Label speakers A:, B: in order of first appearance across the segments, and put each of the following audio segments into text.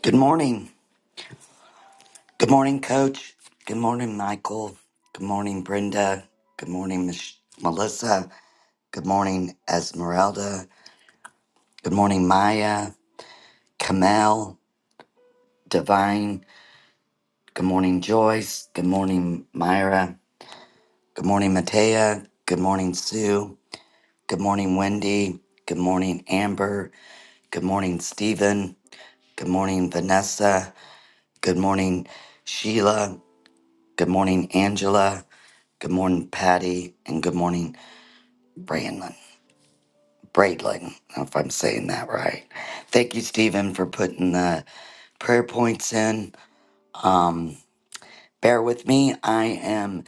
A: Good morning. Good morning, Coach. Good morning, Michael. Good morning, Brenda. Good morning, Mich- Melissa. Good morning, Esmeralda. Good morning, Maya. Kamel. Divine. Good morning, Joyce. Good morning, Myra. Good morning, Matea. Good morning, Sue. Good morning, Wendy. Good morning, Amber. Good morning, Stephen. Good morning, Vanessa. Good morning, Sheila. Good morning, Angela. Good morning, Patty, and good morning, Braylon. Braylon, I don't know if I'm saying that right. Thank you, Stephen, for putting the prayer points in. Um, bear with me. I am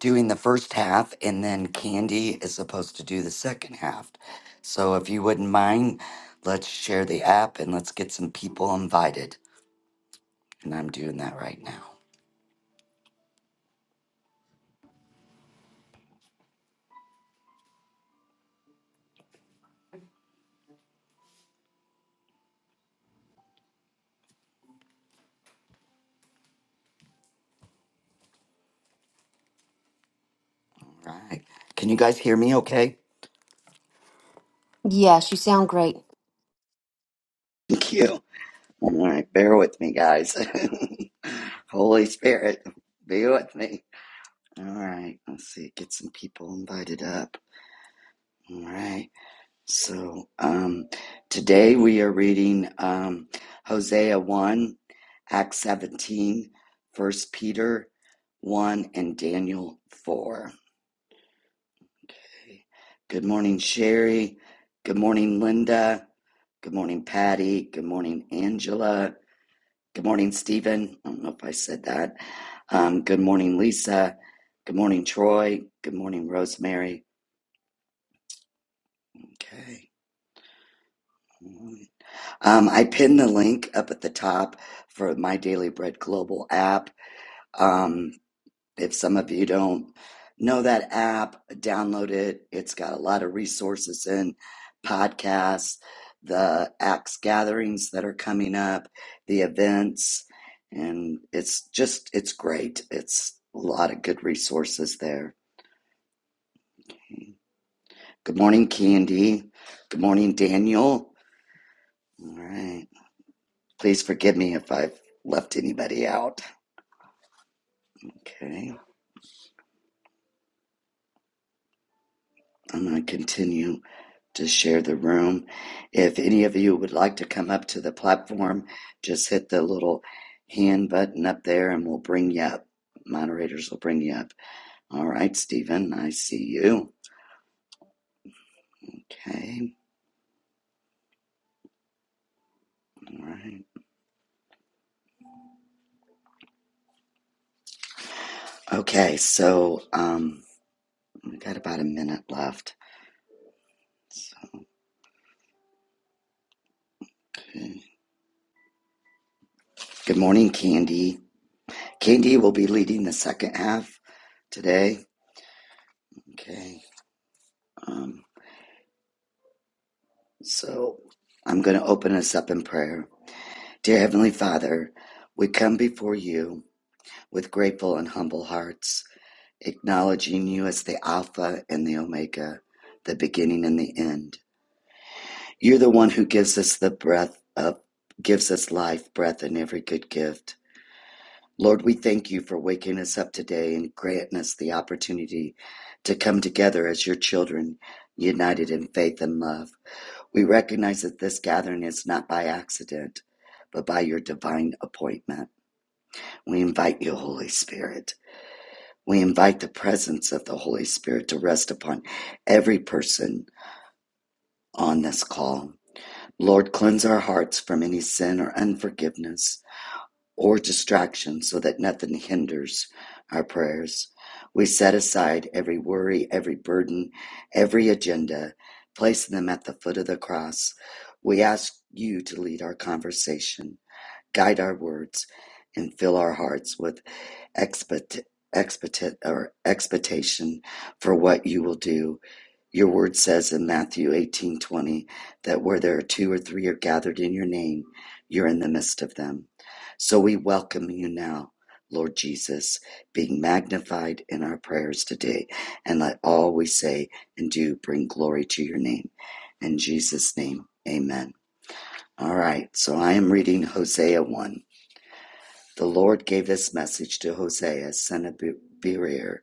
A: doing the first half, and then Candy is supposed to do the second half. So if you wouldn't mind, let's share the app and let's get some people invited. And I'm doing that right now. All right. Can you guys hear me okay?
B: Yes, you sound great.
A: Thank you. All right, bear with me, guys. Holy Spirit, be with me. All right, let's see, get some people invited up. All right, so um, today we are reading um, Hosea 1, Acts 17, First Peter 1, and Daniel 4. Okay. Good morning, Sherry. Good morning, Linda. Good morning, Patty. Good morning, Angela. Good morning, Stephen. I don't know if I said that. Um, good morning, Lisa. Good morning, Troy. Good morning, Rosemary. Okay. Um, I pinned the link up at the top for my Daily Bread Global app. Um, If some of you don't know that app, download it. It's got a lot of resources and podcasts, the Acts gatherings that are coming up, the events, and it's just, it's great. It's a lot of good resources there. Good morning, Candy. Good morning, Daniel. All right. Please forgive me if I've left anybody out. Okay. I'm going to continue to share the room. If any of you would like to come up to the platform, just hit the little hand button up there and we'll bring you up. Moderators will bring you up. All right, Stephen, I see you. Okay, all right. Okay, so um, we got about a minute left. So, okay. Good morning, Candy. Candy will be leading the second half today. Okay, um, so I'm going to open us up in prayer. Dear Heavenly Father, we come before you with grateful and humble hearts, acknowledging you as the Alpha and the Omega, the beginning and the end. You're the one who gives us the breath of gives us life, breath, and every good gift. Lord, we thank you for waking us up today and granting us the opportunity to come together as your children, united in faith and love. We recognize that this gathering is not by accident, but by your divine appointment. We invite you, Holy Spirit. We invite the presence of the Holy Spirit to rest upon every person on this call. Lord, cleanse our hearts from any sin or unforgiveness or distraction so that nothing hinders our prayers. We set aside every worry, every burden, every agenda, placing them at the foot of the cross. We ask you to lead our conversation. Guide our words and fill our hearts with expect, expect, or expectation for what you will do. Your word says in Matthew 18:20 that where there are two or three are gathered in your name, you're in the midst of them. So we welcome you now, Lord Jesus, being magnified in our prayers today, and let all we say and do bring glory to your name. In Jesus' name, amen. All right, so I am reading Hosea 1. The Lord gave this message to Hosea, son of Be- Berir,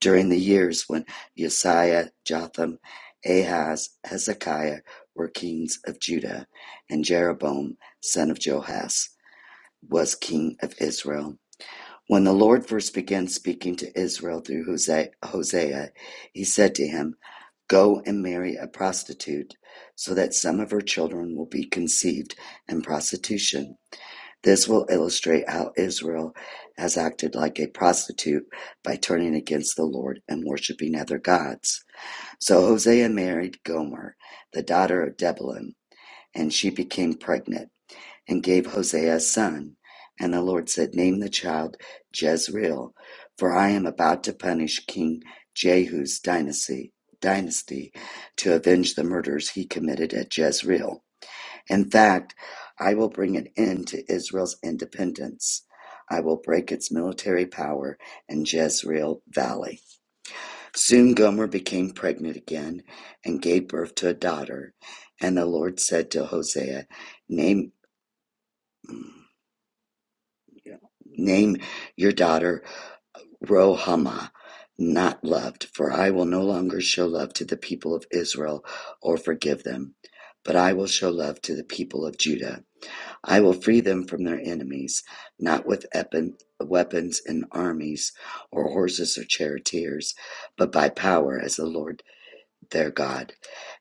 A: during the years when Josiah, Jotham, Ahaz, Hezekiah were kings of Judah, and Jeroboam, son of Joash, was king of Israel. When the Lord first began speaking to Israel through Hosea, he said to him, Go and marry a prostitute, so that some of her children will be conceived in prostitution. This will illustrate how Israel has acted like a prostitute by turning against the Lord and worshiping other gods. So Hosea married Gomer, the daughter of Debalim, and she became pregnant and gave Hosea a son. And the Lord said, Name the child Jezreel, for I am about to punish King Jehu's dynasty, dynasty to avenge the murders he committed at Jezreel. In fact, I will bring an end to Israel's independence. I will break its military power in Jezreel Valley. Soon Gomer became pregnant again and gave birth to a daughter. And the Lord said to Hosea, Name, name your daughter Rohamah, not loved, for I will no longer show love to the people of Israel or forgive them, but I will show love to the people of Judah. I will free them from their enemies, not with weapons and armies, or horses or charioteers, but by power as the Lord their God.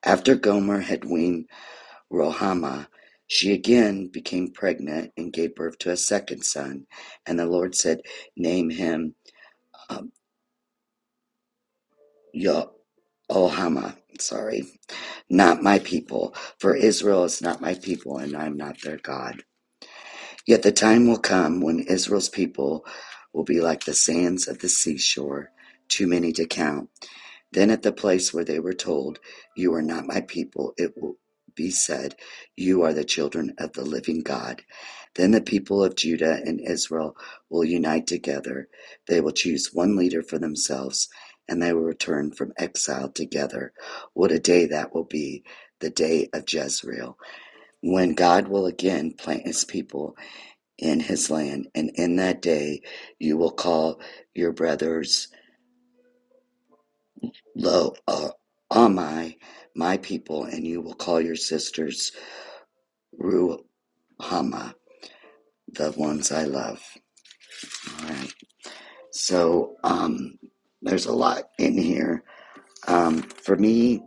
A: After Gomer had weaned Rohamah, she again became pregnant and gave birth to a second son. And the Lord said, Name him um, Yo- sorry, not my people, for Israel is not my people, and I am not their God. Yet the time will come when Israel's people will be like the sands of the seashore, too many to count. Then at the place where they were told, You are not my people, it will be said, You are the children of the living God. Then the people of Judah and Israel will unite together. They will choose one leader for themselves, and they will return from exile together. What a day that will be! The day of Jezreel, when God will again plant his people in his land, and in that day you will call your brothers Lo uh, Ammi, my people, and you will call your sisters Ruhama, the ones I love. All right. So um, there's a lot in here. Um, for me,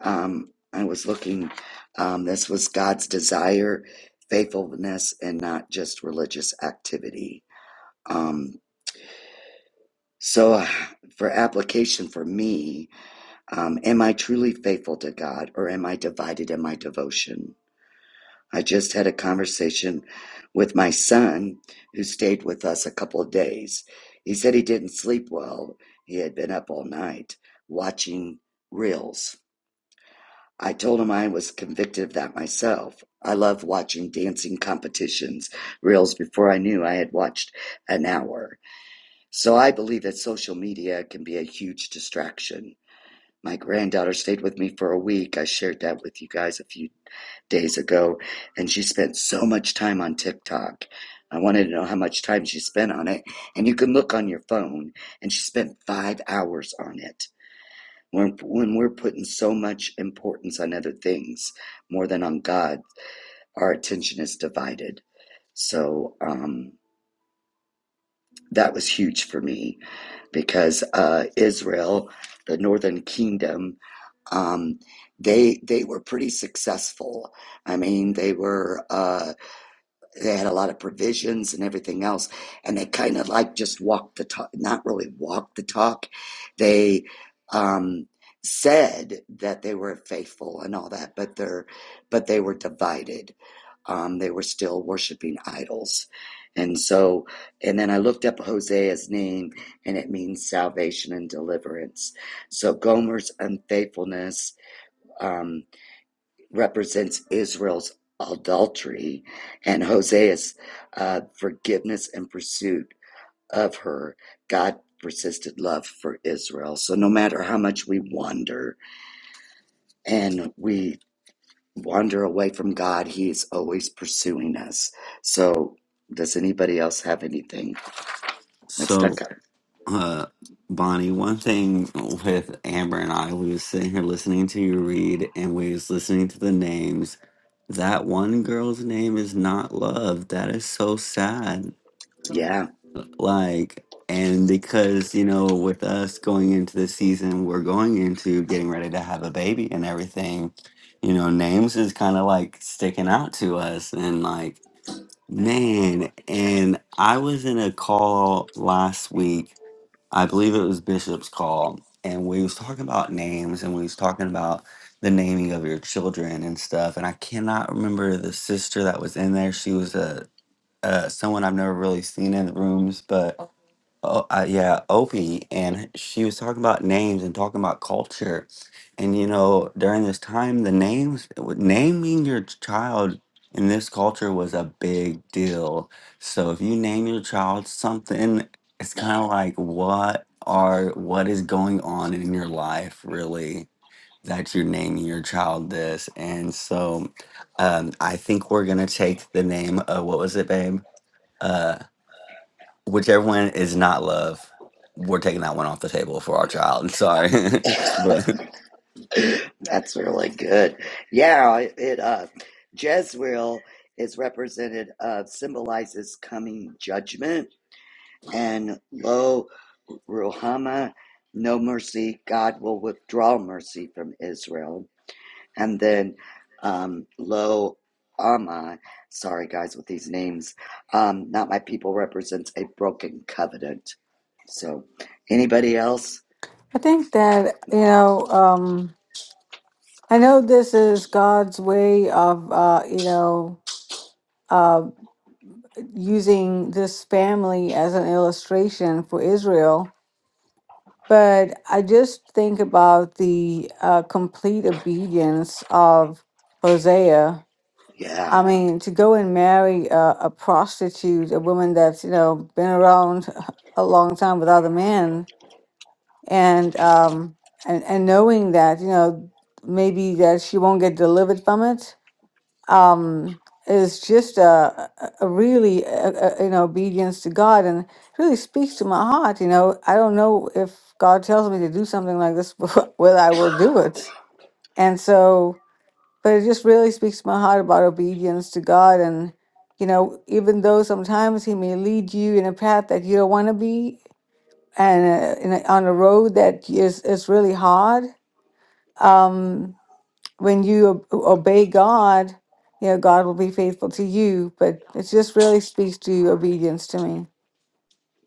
A: um, I was looking. Um, this was God's desire, faithfulness, and not just religious activity. Um, so, uh, for application for me, Um, am I truly faithful to God or am I divided in my devotion? I just had a conversation with my son who stayed with us a couple of days. He said he didn't sleep well. He had been up all night watching reels. I told him I was convicted of that myself. I love watching dancing competitions, reels before I knew I had watched an hour. So I believe that social media can be a huge distraction my granddaughter stayed with me for a week. I shared that with you guys a few days ago, and she spent so much time on TikTok. I wanted to know how much time she spent on it, and you can look on your phone, and she spent five hours on it. When, when we're putting so much importance on other things more than on God, our attention is divided. So um, that was huge for me because uh, Israel, the Northern Kingdom, um, they they were pretty successful. I mean, they were. uh, they had a lot of provisions and everything else and they kind of like just walked the talk not really walked the talk they um said that they were faithful and all that but they're but they were divided um they were still worshiping idols and so and then i looked up hosea's name and it means salvation and deliverance so gomer's unfaithfulness um, represents Israel's adultery, and Hosea's uh, forgiveness and pursuit of her God persisted love for Israel. So no matter how much we wander and we wander away from God, He is always pursuing us. So does anybody else have anything Let's
C: So,
A: stuck up?
C: uh, Bonnie, one thing with Amber and I, we was sitting here listening to you read, and we was listening to the names. That one girl's name is not love. That is so sad.
A: Yeah.
C: Like, and because you know, with us going into the season, we're going into getting ready to have a baby and everything. You know, names is kind of like sticking out to us, and like, man. And I was in a call last week I believe it was Bishop's call, and we was talking about names, and we was talking about the naming of your children and stuff. And I cannot remember the sister that was in there. She was a uh, someone I've never really seen in the rooms, but Okay. Oh, uh, yeah, Opie, and she was talking about names and talking about culture, and you know, during this time, the names naming your child in this culture was a big deal. So if you name your child something, it's kind of like what are what is going on in your life, really, that you're naming your child this, and so um, I think we're gonna take the name of what was it, babe? uh, whichever one is not love, we're taking that one off the table for our child. Sorry, but
A: That's really good. Yeah, it, it, uh Jezreel is represented uh symbolizes coming judgment and lo Ruhama, no mercy, God will withdraw mercy from Israel. And then um lo Ama, sorry guys with these names, um, not my people represents a broken covenant. So anybody else?
D: I think that, you know, um, I know this is God's way of, uh, you know, uh, using this family as an illustration for Israel. But I just think about the uh, complete obedience of Hosea.
A: Yeah.
D: I mean, to go and marry a, a prostitute, a woman that's, you know, been around a long time with other men, and um and and knowing that you know maybe that she won't get delivered from it um is just a, a a really uh uh you know obedience to god and it really speaks to my heart you know i don't know if god tells me to do something like this whether i will do it and so but it just really speaks to my heart about obedience to god and you know even though sometimes he may lead you in a path that you don't want to be and uh, in a, on a road that is is really hard. Um, when you ob- obey God, you know God will be faithful to you. But it just really speaks to obedience to me.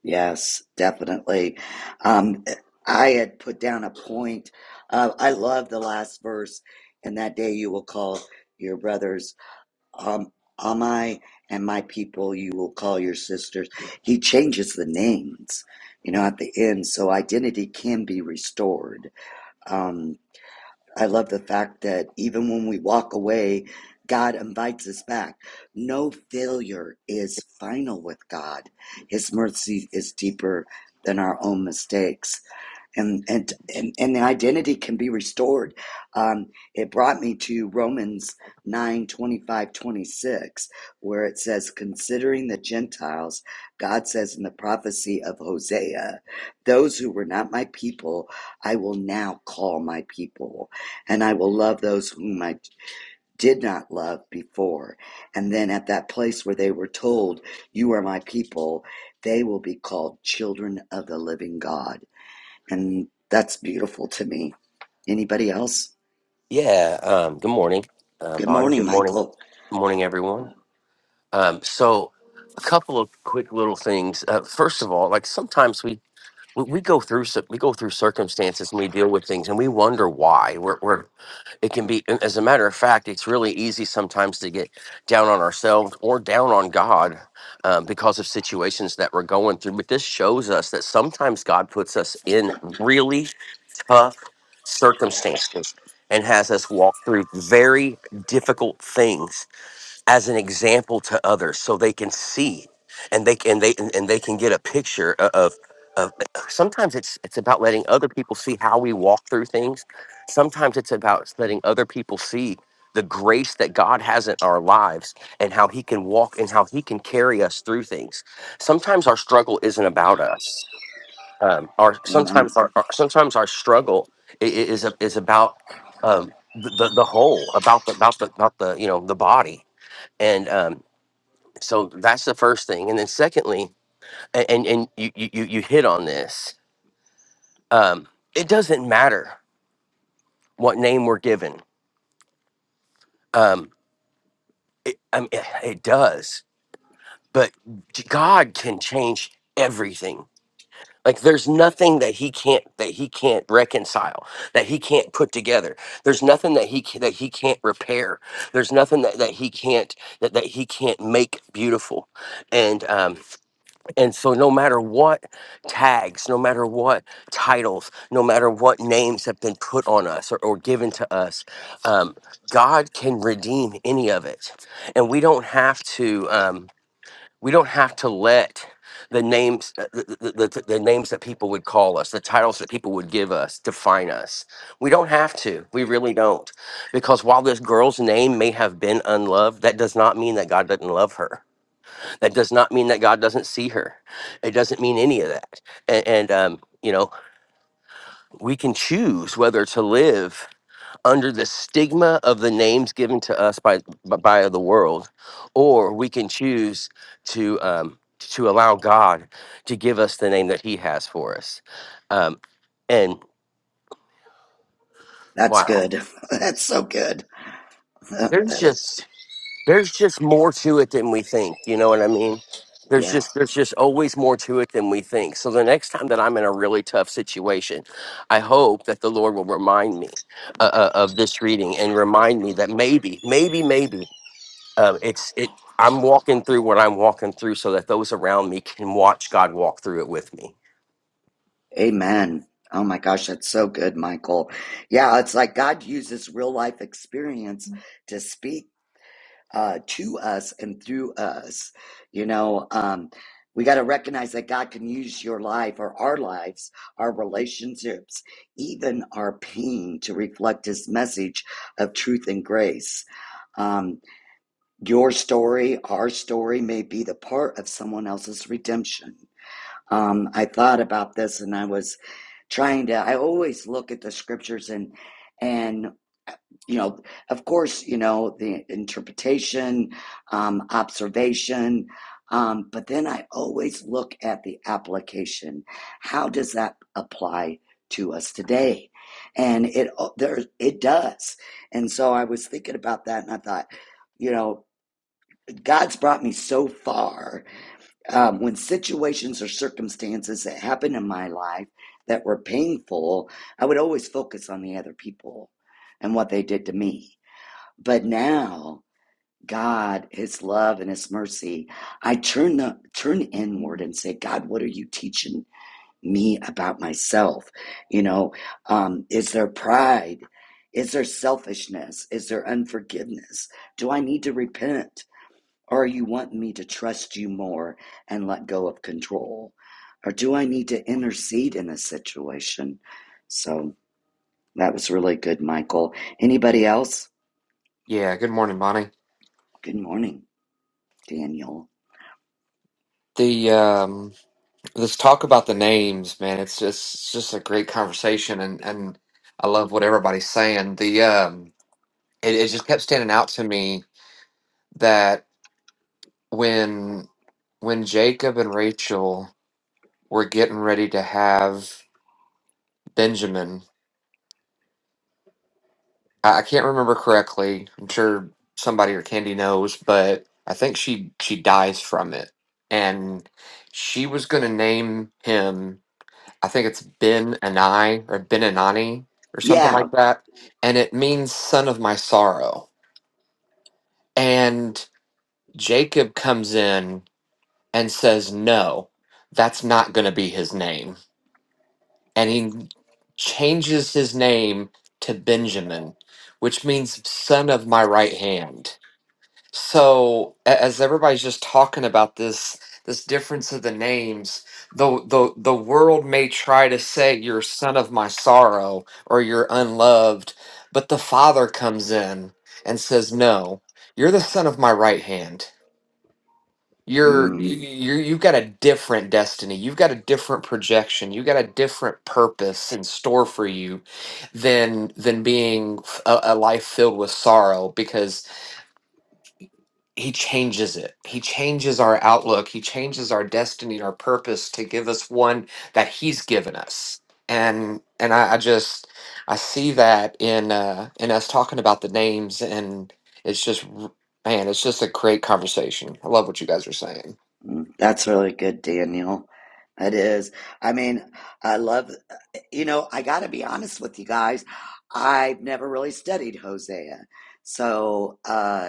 A: Yes, definitely. Um, I had put down a point. Uh, I love the last verse. And that day you will call your brothers um, Amai, and my people you will call your sisters. He changes the names, you know, at the end, so identity can be restored. Um, I love the fact that even when we walk away, God invites us back. No failure is final with God. His mercy is deeper than our own mistakes and and and, and the identity can be restored um, it brought me to romans 9 25 26, where it says considering the gentiles god says in the prophecy of hosea those who were not my people i will now call my people and i will love those whom i did not love before and then at that place where they were told you are my people they will be called children of the living god and that's beautiful to me. Anybody else?
E: Yeah, um, good morning, um,
A: Good
E: Bonnie.
A: morning,
E: Good morning.
A: Michael.
E: Good morning, everyone. Um, so, a couple of quick little things. Uh, first of all, like sometimes we, we we go through cir- we go through circumstances and we deal with things and we wonder why. We're, we're it can be. and As a matter of fact, it's really easy sometimes to get down on ourselves or down on God um, because of situations that we're going through. But this shows us that sometimes God puts us in really tough circumstances and has us walk through very difficult things as an example to others so they can see and they can they and and they can get a picture o- of of sometimes it's it's about letting other people see how we walk through things sometimes it's about letting other people see the grace that God has in our lives and how he can walk and how he can carry us through things sometimes our struggle isn't about us um, our
A: Amen.
E: sometimes our, our sometimes our struggle i- i- is a- is about um, the, the the whole about the about the about the you know the body and um, so that's the first thing and then secondly a- and and you you you you hit on this um, it doesn't matter what name we're given um, it, I mean, it it does but God can change everything Like there's nothing that he can't that he can't reconcile, that he can't put together. There's nothing that he ca- that he can't repair. There's nothing that, that he can't that, that he can't make beautiful. And um and so no matter what tags, no matter what titles, no matter what names have been put on us or, or given to us, um, God can redeem any of it. And we don't have to. Um, we don't have to let the names uh, the, the, the the names that people would call us the titles that people would give us define us we don't have to we really don't because while this girl's name may have been unloved that does not mean that god doesn't love her that does not mean that god doesn't see her it doesn't mean any of that and, and um, you know we can choose whether to live under the stigma of the names given to us by by the world, or we can choose to um, to allow God to give us the name that He has for us. Um, and
A: That's
E: wow,
A: good. That's so good. that
E: there's
A: is,
E: just there's just more to it than we think. You know what I mean? There's
A: yeah.
E: just there's just always more to it than we think. So the next time that I'm in a really tough situation, I hope that the Lord will remind me uh, uh, of this reading and remind me that maybe, maybe, maybe um, it's it i'm walking through what i'm walking through so that those around me can watch god walk through it with me
A: Amen. Oh my gosh, that's so good, Michael. Yeah, it's like God uses real life experience to speak uh, to us and through us. You know, um, we got to recognize that God can use your life or our lives, our relationships, even our pain to reflect His message of truth and grace. Um, your story, our story, may be the part of someone else's redemption. Um, I thought about this and I was trying to i always look at the scriptures and and uh, you know of course you know the interpretation um observation um but then i always look at the application how does that apply to us today and it oh, there it does and so i was thinking about that and i thought you know god's brought me so far um, when situations or circumstances that happened in my life that were painful, I would always focus on the other people and what they did to me. But now, God, His love and His mercy, I turn the turn inward and say, God, what are you teaching me about myself? You know, um, is there pride? Is there selfishness? Is there unforgiveness? Do I need to repent? Or you want me to trust you more and let go of control? Or do I need to intercede in this situation? So that was really good, Michael. Anybody else?
F: Yeah, good morning, Bonnie.
A: Good morning, Daniel.
F: The um us talk about the names, man, it's just it's just a great conversation and and I love what everybody's saying. The um it, it just kept standing out to me that when when Jacob and Rachel were getting ready to have Benjamin, I, I can't remember correctly. I'm sure somebody or Candy knows, but I think she she dies from it. And she was gonna name him I think it's Ben Anai or Ben Anani or something
A: Yeah,
F: like that. And it means son of my sorrow. And Jacob comes in and says, No, that's not going to be his name. And he changes his name to Benjamin, which means son of my right hand. So a- as everybody's just talking about this this difference of the names, the the the world may try to say you're son of my sorrow or you're unloved, but the father comes in and says, "No, you're the son of my right hand. You're
A: mm,
F: you you you've got a different destiny. You've got a different projection. You've got a different purpose in store for you than than being f- a, a life filled with sorrow because he changes it. He changes our outlook. He changes our destiny our purpose to give us one that he's given us. And and I, I just I see that in uh in us talking about the names and it's just Man, it's just a great conversation. I love what you guys are saying.
A: mm, that's really good, Daniel. It is. I mean, I love, you know, I got to be honest with you guys. I've never really studied Hosea. So, uh,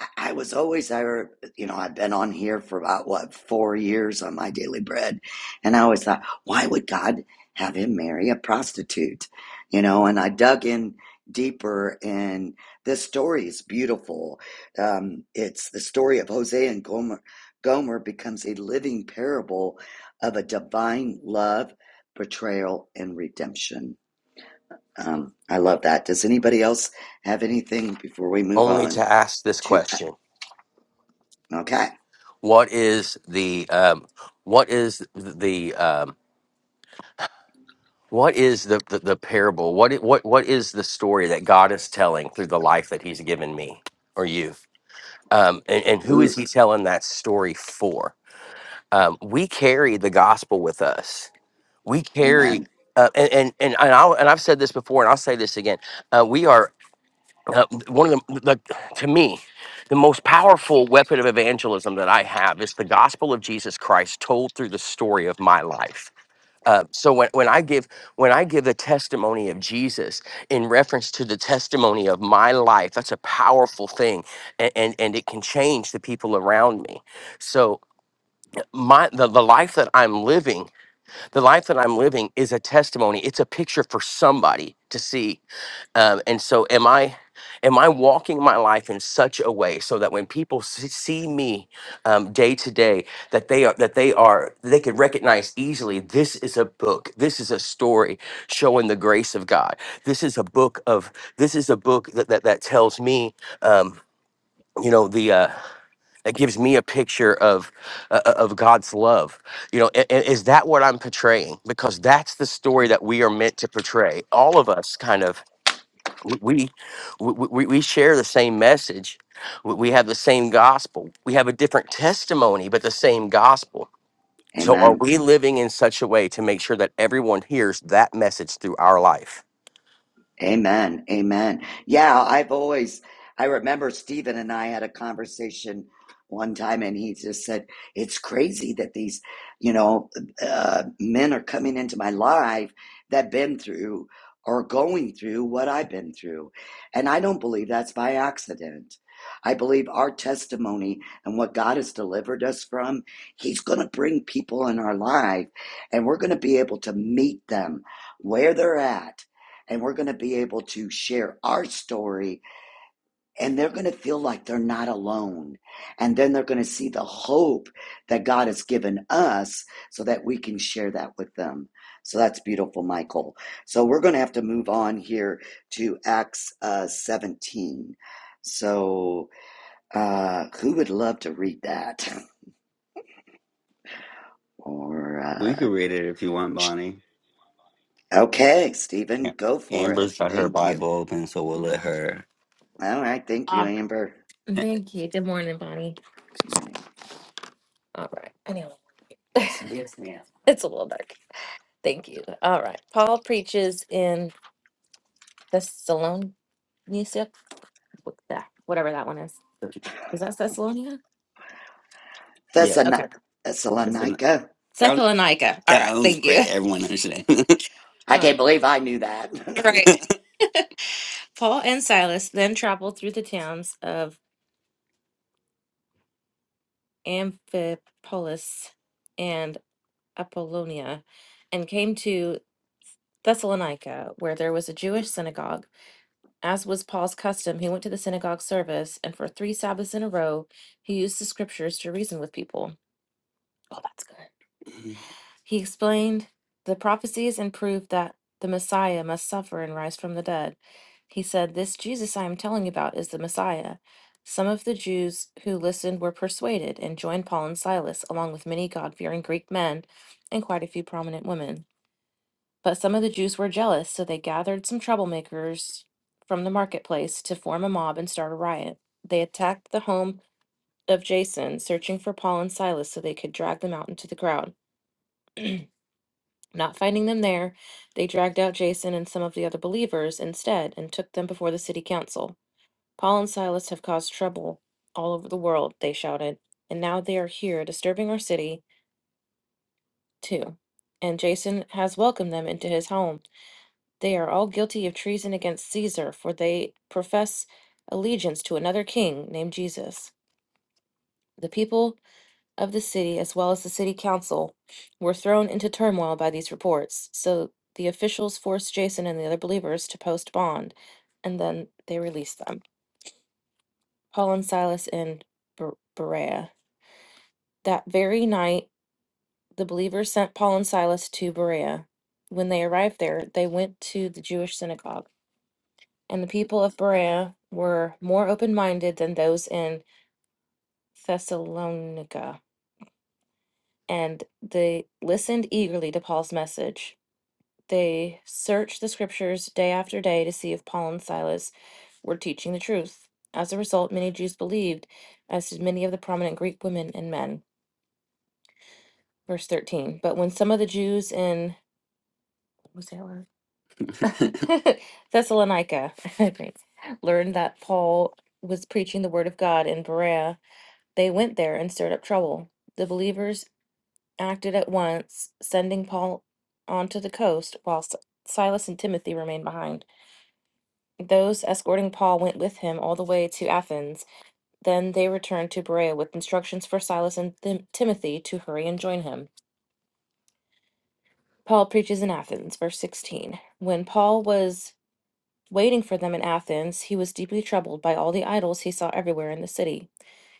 A: I I was always, I, re- you know, I've been on here for about what four years on my daily bread, and I always thought, why would God have him marry a prostitute? You know, and I dug in deeper, and this story is beautiful. Um, it's the story of Hosea and Gomer. Gomer becomes a living parable of a divine love, betrayal, and redemption. Um, I love that. Does anybody else have anything before we move
E: only to
A: on
E: ask this
A: to?
E: question
A: uh, Okay.
E: what is the um, what is the um, what is the, the, the parable what, i- what what is the story that god is telling through the life that he's given me or you um, and, and who is
A: Ooh,
E: he telling that story for um, we carry the gospel with us we carry
A: amen.
E: uh, and, and and and I'll, and I've said this before, and I'll say this again uh, we are uh, one of the, the to me the most powerful weapon of evangelism that i have is the gospel of jesus christ told through the story of my life uh, so when, when i give when i give the testimony of jesus in reference to the testimony of my life that's a powerful thing and and, and it can change the people around me so my the, the life that i'm living the life that i'm living is a testimony it's a picture for somebody to see um, and so am i am i walking my life in such a way so that when people see see me um, day to day that they are that they are they could recognize easily this is a book this is a story showing the grace of god this is a book of this is a book that that, that tells me um, you know the uh, that gives me a picture of uh, uh, of God's love. You know, a- a- is that what I'm portraying? Because that's the story that we are meant to portray. All of us, kind of we we, we we share the same message we we have the same gospel we have a different testimony but the same gospel so are
A: Amen.
E: we living in such a way to make sure that everyone hears that message through our life
A: Amen. Amen. Yeah, I've always, I remember Stephen and I had a conversation one time, and he just said, It's crazy that these, you know, uh, men are coming into my life that been through or going through what I've been through. And I don't believe that's by accident. I believe our testimony and what God has delivered us from, He's going to bring people in our life, and we're going to be able to meet them where they're at and we're going to be able to share our story and they're going to feel like they're not alone and then they're going to see the hope that god has given us so that we can share that with them so that's beautiful michael so we're going to have to move on here to acts uh, 17 so uh, who would love to read that or
C: we
A: uh,
C: can read it if you want, Bonnie.
A: okay stephen
C: Yeah.
A: go for it
C: Amber's got her
A: thank you
C: Bible open, so we'll let her.
A: all right thank you
C: Uh,
A: amber
C: Eh, Thank you. Good morning, Bonnie.
A: good morning
C: All right. Anyway. Yes, ma'am. It's a little dark. Thank you. All right. Paul preaches in Thessalonica, what that- whatever that one is. Is that Thessalonia? Yeah,
A: Thessalon-
C: Okay. that's the, that, was-
A: Thessalonica.
C: Thessalonica. All that right. one's Thank you. for everyone understand.
A: I can't believe I knew that.
C: Right. Paul and Silas then traveled through the towns of Amphipolis and Apollonia and came to Thessalonica, where there was a Jewish synagogue. As was Paul's custom, he went to the synagogue service, and for three Sabbaths in a row, he used the scriptures to reason with people. Oh, that's good. Mhm. He explained the prophecies and proved that the Messiah must suffer and rise from the dead. He said, This Jesus I am telling you about is the Messiah. Some of the Jews who listened were persuaded and joined Paul and Silas, along with many God fearing Greek men and quite a few prominent women. But some of the Jews were jealous, so they gathered some troublemakers from the marketplace to form a mob and start a riot. They attacked the home of Jason, searching for Paul and Silas so they could drag them out into the crowd. Not finding them there, they dragged out Jason and some of the other believers instead and took them before the city council. Paul and Silas have caused trouble all over the world, they shouted, and now they are here disturbing our city, too. And Jason has welcomed them into his home. They are all guilty of treason against Caesar, for they profess allegiance to another king named Jesus. The people of the city as well as the city council were thrown into turmoil by these reports. So the officials forced Jason and the other believers to post bond, and then they released them. Paul and Silas in Ber- Berea. That very night, the believers sent Paul and Silas to Berea. When they arrived there, they went to the Jewish synagogue, and the people of Berea were more open minded than those in Thessalonica, and they listened eagerly to Paul's message. They searched the scriptures day after day to see if Paul and Silas were teaching the truth. As a result, many Jews believed, as did many of the prominent Greek women and men. Verse 13. But when some of the Jews in what was that word? Thessalonica, I think, learned that Paul was preaching the word of God in Berea, they went there and stirred up trouble. The believers acted at once, sending Paul onto the coast, while Si- Silas and Timothy remained behind. Those escorting Paul went with him all the way to Athens. Then they returned to Berea with instructions for Silas and Tim- Timothy to hurry and join him. Paul preaches in Athens, verse 16. When Paul was waiting for them in Athens, he was deeply troubled by all the idols he saw everywhere in the city.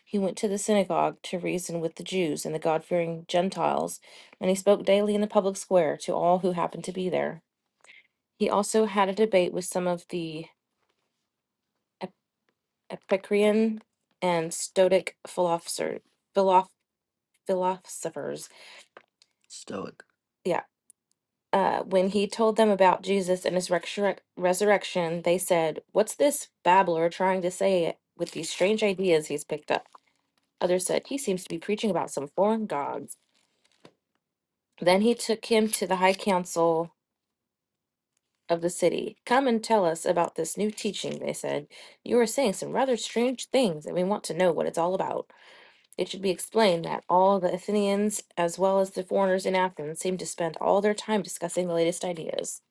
C: He went to the synagogue to reason with the Jews and the God fearing Gentiles, and he spoke daily in the public square to all who happened to be there. He also had a debate with some of the Epicurean, and Stoic philosopher, philo- philosophers. Stoic. Yeah. Uh, when he told them about Jesus and his resurrec- resurrection, they said, What's this babbler trying to say with these strange ideas he's picked up? Others said, He seems to be preaching about some foreign gods. Then he took him to the high council of the city. Come and tell us about this new teaching, they said. You are saying some rather strange things, and we want to know what it's all about. It should be explained that all the Athenians, as well as the foreigners in Athens, seemed to spend all their time discussing the latest ideas.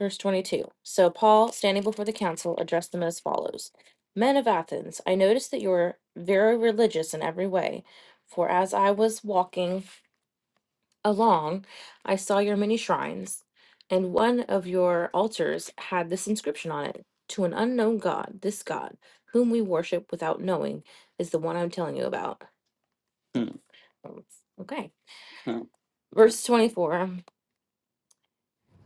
C: Verse 22. So Paul, standing before the council, addressed them as follows Men of Athens, I notice that you are very religious in every way. For as I was walking along, I saw your many shrines, and one of your altars had this inscription on it To an unknown God, this God, whom we worship without knowing, is the one I'm telling you about. Okay. Yeah. Verse 24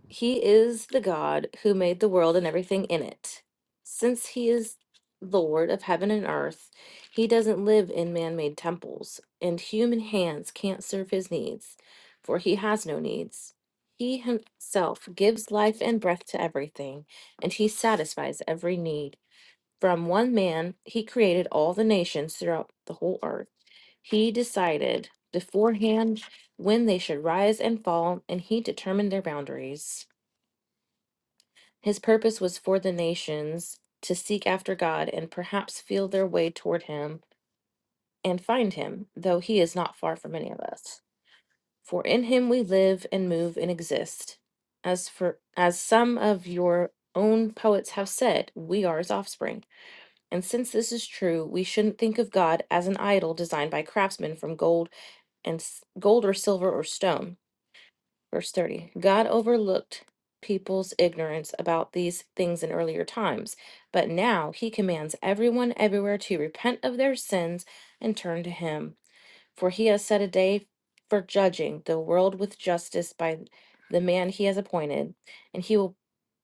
C: He is the God who made the world and everything in it. Since He is Lord of heaven and earth, He doesn't live in man made temples, and human hands can't serve His needs, for He has no needs. He Himself gives life and breath to everything, and He satisfies every need. From one man, He created all the nations throughout the whole earth. He decided beforehand when they should rise and fall, and he determined their boundaries. His purpose was for the nations to seek after God and perhaps feel their way toward him and find him, though he is not far from any of us. For in him we live and move and exist. As for as some of your own poets have said, we are his offspring. And since this is true, we shouldn't think of God as an idol designed by craftsmen from gold and s- gold or silver or stone. Verse 30. God overlooked people's ignorance about these things in earlier times, but now he commands everyone everywhere to repent of their sins and turn to him, for he has set a day for judging the world with justice by the man he has appointed, and he will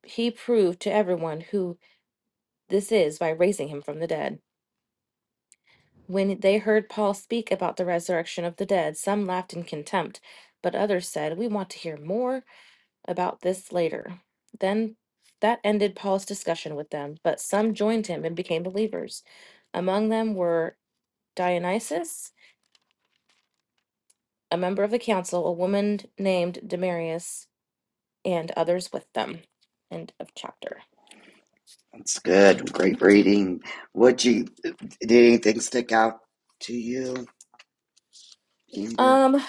C: he proved to everyone who this is by raising him from the dead. When they heard Paul speak about the resurrection of the dead, some laughed in contempt, but others said, We want to hear more about this later. Then that ended Paul's discussion with them, but some joined him and became believers. Among them were Dionysus, a member of the council, a woman named Demarius, and others with them. End of chapter.
A: That's good. Great reading. Would you did anything stick out to you, Amber?
C: Um,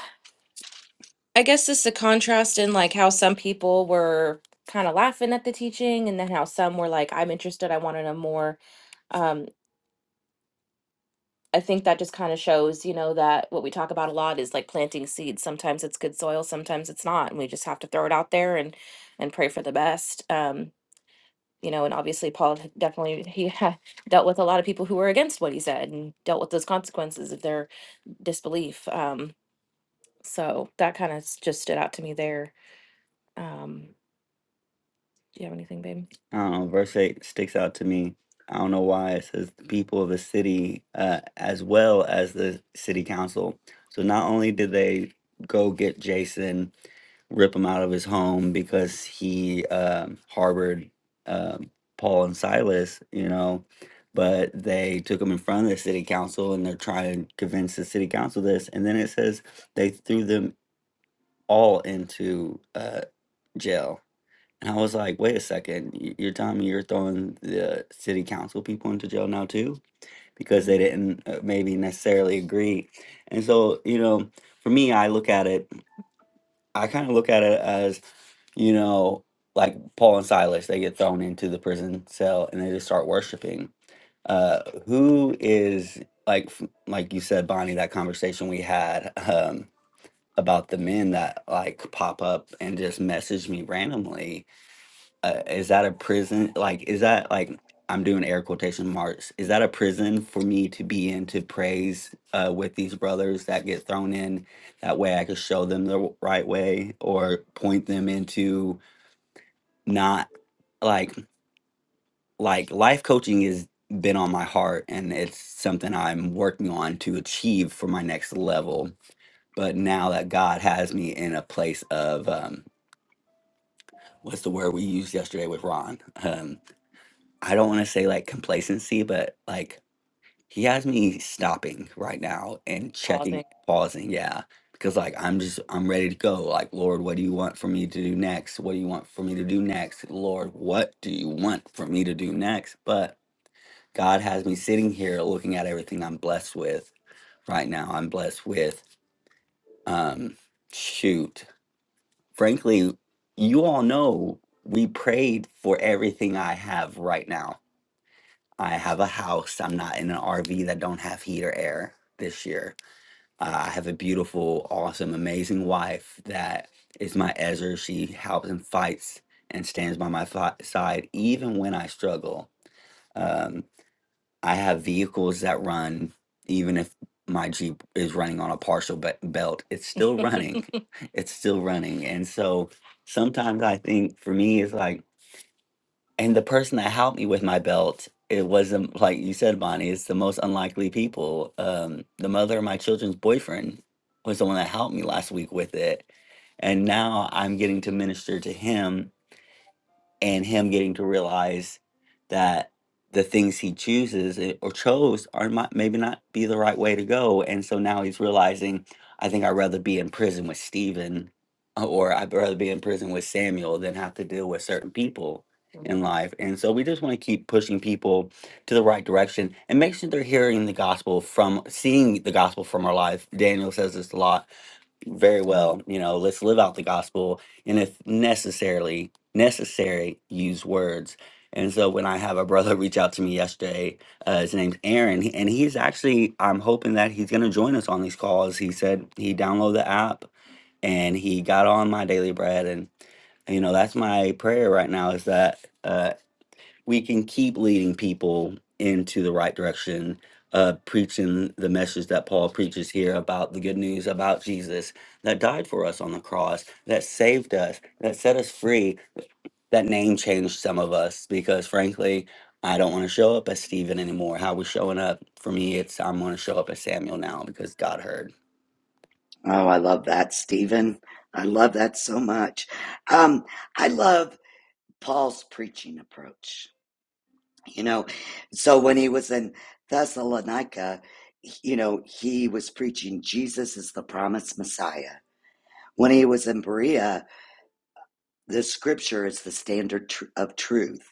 C: I guess this is a contrast in like how some people were kind of laughing at the teaching and then how some were like, I'm interested, I want to know more um, I think that just kind of shows, you know, that what we talk about a lot is like planting seeds. Sometimes it's good soil, sometimes it's not, and we just have to throw it out there and and pray for the best. Um, you know, and obviously Paul had definitely he ha- dealt with a lot of people who were against what he said and dealt with those consequences of their disbelief. Um, so that kind of just stood out to me there. Um, Do you have anything, babe? I don't know, verse 8 sticks out to me. I don't know why. It says the people of the city uh, as well as the city council. So not only did they go get Jason, rip him out of his home because he um harbored um Paul and Silas, you know, but they took him in front of the city council and they're trying to convince the city council this. And then it says they threw them all into uh, jail and I was like, wait a second, y- you're telling me you're throwing the city council people into jail now too? Because they didn't uh, maybe necessarily agree. And so, you know, for me, I look at it, I kind of look at it as, you know, like Paul and Silas, they get thrown into the prison cell and they just start worshiping uh who is like f- like you said bonnie that conversation we had um about the men that like pop up and just message me randomly uh, is that a prison? Like, is that like I'm doing air quotation marks? Is that a prison for me to be in to praise uh, with these brothers that get thrown in? That way, I could show them the w- right way or point them into not like like life coaching has been on my heart and it's something I'm working on to achieve for my next level. But now that God has me in a place of um, what's the word we used yesterday with Ron? Um, I don't want to say like complacency, but like he has me stopping right now and checking, Pausing. pausing. Yeah. Because like I'm just, I'm ready to go. Like, Lord, what do you want for me to do next? What do you want for me to do next? Lord, what do you want for me to do next? But God has me sitting here looking at everything I'm blessed with right now. I'm blessed with, um, shoot, frankly, you all know we prayed for everything I have right now I have a house. I'm not in an RV that don't have heat or air this year. Uh, I have a beautiful, awesome, amazing wife that is my Ezra. She helps and fights and stands by my fi- side even when I struggle. Um, I have vehicles that run even if my Jeep is running on a partial be- belt. It's still running. It's still running. And so sometimes I think for me, it's like and the person that helped me with my belt, it wasn't like you said, Bonnie, it's the most unlikely people. Um, the mother of my children's boyfriend was the one that helped me last week with it. And now I'm getting to minister to him and him getting to realize that the things he chooses i- or chose are not, maybe not be the right way to go. And so now he's realizing, I think I'd rather be in prison with Stephen uh, or I'd rather be in prison with Samuel than have to deal with certain people in life. And so we just want to keep pushing people to the right direction and make sure they're hearing the gospel from seeing the gospel from our life. Daniel says this a lot very well. You know, let's live out the gospel. And if necessarily necessary, use words. And so when I have a brother reach out to me yesterday, uh, his name's Aaron, he- and he's actually, I'm hoping that he's going to join us on these calls. He said he downloaded the app and he got on my daily bread. And, you know, that's my prayer right now is that. uh, we can keep leading people into the right direction, uh, preaching the message that Paul preaches here about the good news about Jesus that died for us on the cross, that saved us, that set us free, that name changed some of us because frankly i don't want to show up as Stephen anymore how we showing up for me it's i'm going to show up as samuel now because god heard
A: Oh, I love that, Stephen. I love that so much. Um, I love Paul's preaching approach. You know, so when he was in Thessalonica, you know, he was preaching Jesus is the promised Messiah. When he was in Berea, the scripture is the standard tr- of truth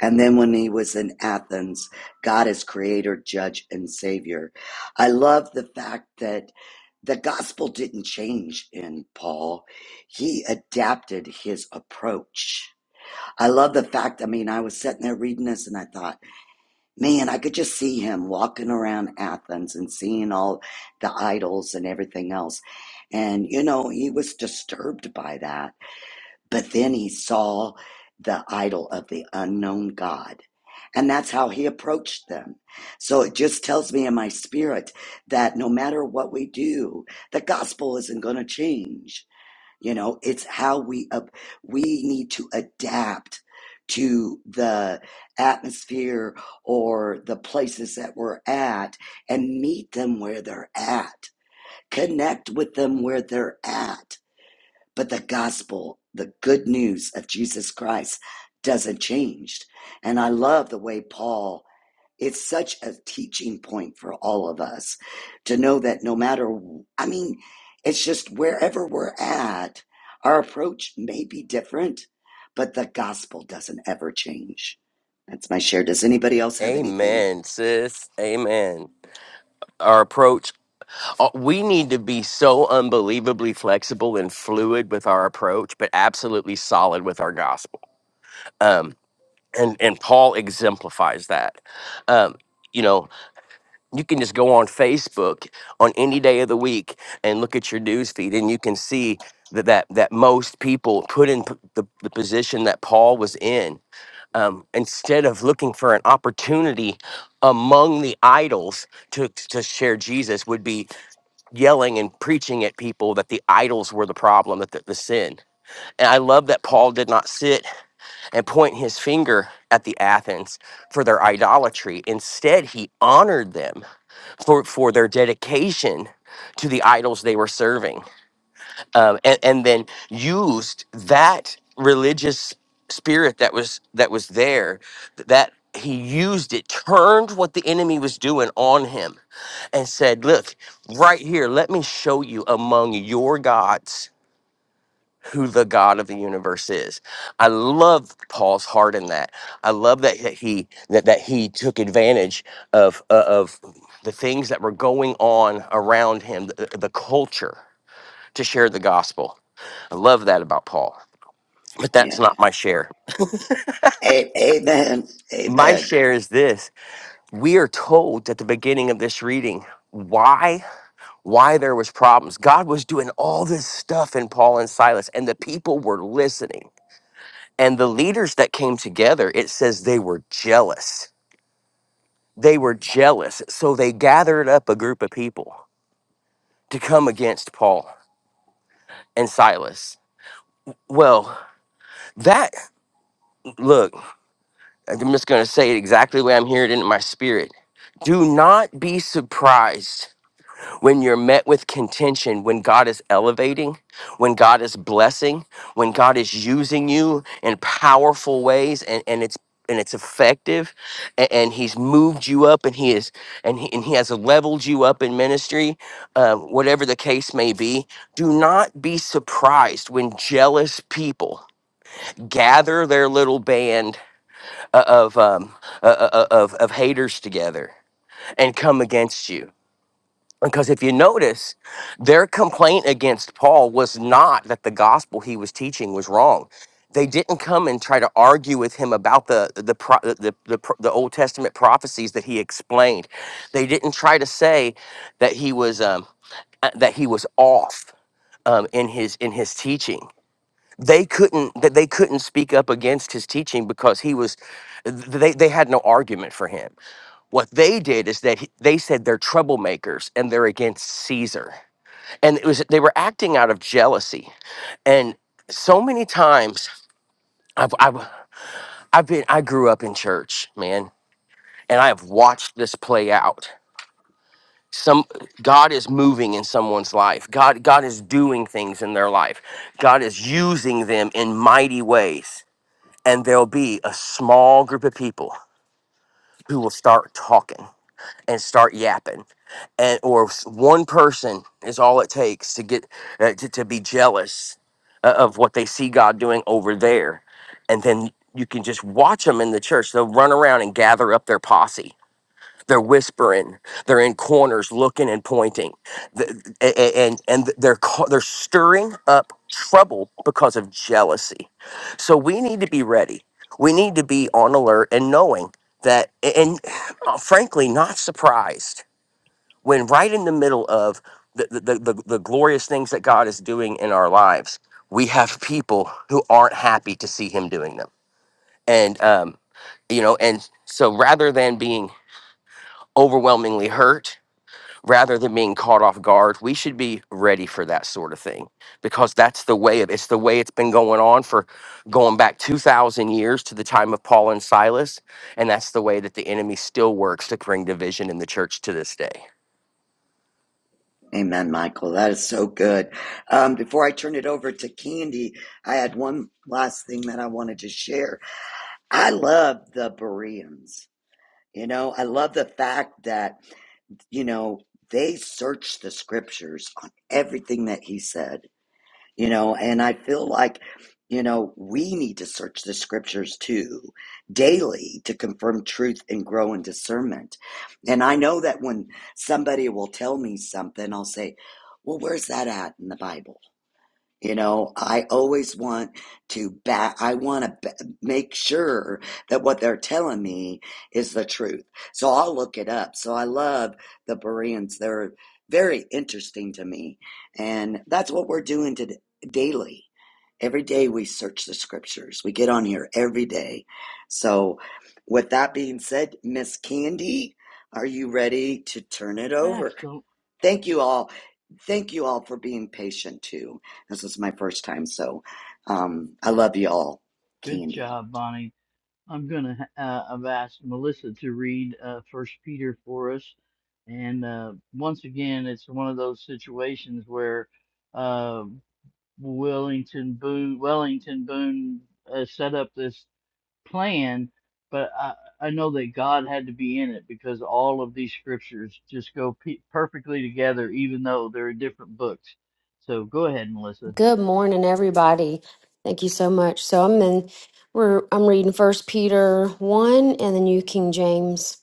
A: And then when he was in Athens, God is creator, judge, and savior. I love the fact that the gospel didn't change in Paul. He adapted his approach. I love the fact, I mean, I was sitting there reading this and I thought, man, I could just see him walking around Athens and seeing all the idols and everything else. And, you know, he was disturbed by that but then he saw the idol of the unknown God. And that's how he approached them. So it just tells me in my spirit that no matter what we do, the gospel isn't going to change. You know, it's how we, up we need to adapt to the atmosphere or the places that we're at and meet them where they're at. Connect with them where they're at but the gospel, the good news of Jesus Christ doesn't change. And I love the way Paul, it's such a teaching point for all of us to know that no matter, I mean, it's just wherever we're at, our approach may be different, but the gospel doesn't ever change. That's my share. Does anybody else have anything?
E: amen sis amen our approach uh, we need to be so unbelievably flexible and fluid with our approach but absolutely solid with our gospel um and and paul exemplifies that um you know you can just go on Facebook on any day of the week and look at your news feed, and you can see that that, that most people put in p- the, the position that Paul was in. Um, instead of looking for an opportunity among the idols to, to share Jesus, would be yelling and preaching at people that the idols were the problem, that the, the sin. And I love that Paul did not sit and point his finger at the Athens for their idolatry. Instead, he honored them for, for their dedication to the idols they were serving um, and, and then used that religious spirit that was that was there th- that he used it turned what the enemy was doing on him and said look right here let me show you among your gods who the God of the universe is. I love Paul's heart in that. I love that that he that, that he took advantage of uh, of the things that were going on around him, the, the culture to share the gospel. I love that about Paul. But that's
A: Yeah.
E: not my share.
A: A- amen.
E: My
A: Amen.
E: share is this. We are told at the beginning of this reading why why there was problems. God was doing all this stuff in Paul and Silas and the people were listening And the leaders that came together, it says they were jealous. They were jealous. So they gathered up a group of people to come against Paul and Silas. Well, that, look, I'm just going to say it exactly the way I'm hearing it in my spirit. Do not be surprised when you're met with contention, when God is elevating, when God is blessing, when God is using you in powerful ways and, and it's and it's effective a- and, he's moved you up and he is and he, and he has leveled you up in ministry uh, whatever the case may be do not be surprised when jealous people gather their little band uh, of um, uh, uh, uh, of, of haters together and come against you because if you notice, their complaint against Paul was not that the gospel he was teaching was wrong. They didn't come and try to argue with him about the the pro- the, the, the, pro- the Old Testament prophecies that he explained. They didn't try to say that he was um, uh, that he was off um, in his in his teaching. They couldn't that they couldn't speak up against his teaching because he was th- they they had no argument for him. What they did is that he- they said they're troublemakers and they're against Caesar and it was they were acting out of jealousy and so many times i've i've, I've been i grew up in church man and i have watched this play out some god is moving in someone's life god god is doing things in their life god is using them in mighty ways and there'll be a small group of people who will start talking and start yapping and or s- one person is all it takes to get uh, to, to be jealous uh, of what they see god doing over there and then you can just watch them in the church they'll run around and gather up their posse they're whispering. They're in corners, looking and pointing, The- a- a- and and they're ca- they're stirring up trouble because of jealousy. So we need to be ready. We need to be on alert and knowing that, and uh, frankly, not surprised when right in the middle of the the, the, the the glorious things that God is doing in our lives, we have people who aren't happy to see Him doing them, and um, you know, and so rather than being overwhelmingly hurt rather than being caught off guard we should be ready for that sort of thing because that's the way of it's the way it's been going on for going back 2000 years to the time of paul and silas and that's the way that the enemy still works to bring division in the church to this day
A: Amen, Michael. That is so good. Um, before I turn it over to Candy, I had one last thing that I wanted to share. I love the Bereans. You know, I love the fact that, you know, they searched the scriptures on everything that he said you know and i feel like you know we need to search the scriptures too daily to confirm truth and grow in discernment and i know that when somebody will tell me something i'll say well where's that at in the bible you know, I always want to back, I want to ba- make sure that what they're telling me is the truth. So I'll look it up. So I love the Bereans. They're very interesting to me. And that's what we're doing today, daily. Every day we search the scriptures. We get on here every day. So with that being said, Miss Candy, are you ready to turn it over?
G: Absolutely.
A: Thank you all. Thank you all for being patient too. This is my first time, so um, I love you all.
G: Good
A: Candy.
G: job, Bonnie. I'm going to uh, I've asked Melissa to read uh, First Peter for us. And uh, once again, it's one of those situations where uh, Wellington Boone, Wellington Boone uh, set up this plan, but I, I know that God had to be in it because all of these scriptures just go pe perfectly together, even though they're different books. So go ahead, Melissa.
B: Good morning, everybody. Thank you so much. So I'm in we're I'm reading First Peter one and the New King James.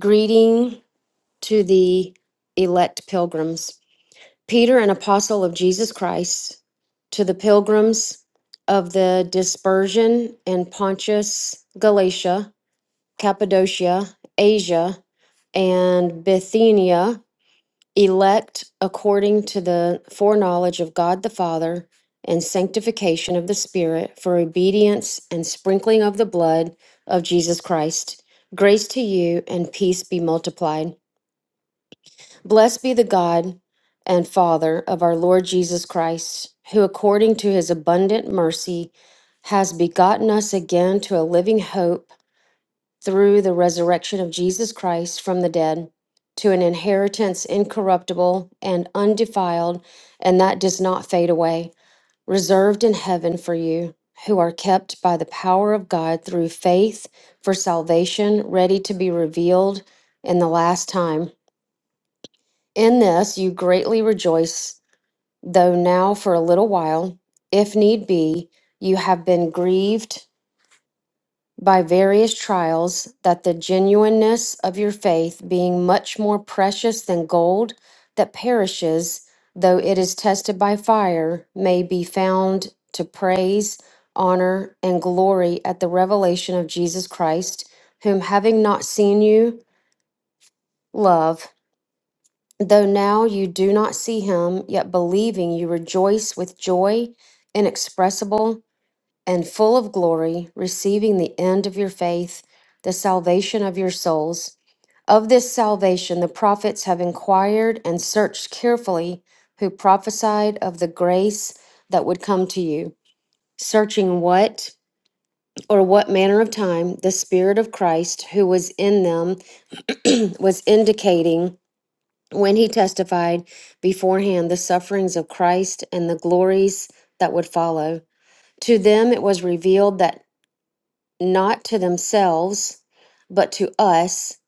B: Greeting to the elect pilgrims. Peter, an apostle of Jesus Christ, to the pilgrims of the dispersion in Pontus, Galatia, Cappadocia, Asia, and Bithynia elect according to the foreknowledge of God the Father and sanctification of the Spirit for obedience and sprinkling of the blood of Jesus Christ. Grace to you and peace be multiplied. Blessed be the God and Father of our Lord Jesus Christ, who according to his abundant mercy has begotten us again to a living hope through the resurrection of Jesus Christ from the dead to an inheritance incorruptible and undefiled, and that does not fade away, reserved in heaven for you, who are kept by the power of God through faith for salvation, ready to be revealed in the last time. In this you greatly rejoice, though now for a little while, if need be, you have been grieved by various trials, that the genuineness of your faith, being much more precious than gold that perishes, though it is tested by fire, may be found to praise, honor, and glory at the revelation of Jesus Christ, whom having not seen you, love, though now you do not see him, yet believing you rejoice with joy inexpressible and full of glory, receiving the end of your faith, the salvation of your souls. Of this salvation, the prophets have inquired and searched carefully who prophesied of the grace that would come to you, searching what or what manner of time the Spirit of Christ who was in them was indicating when he testified beforehand the sufferings of Christ and the glories that would follow. To them it was revealed that not to themselves, but to us,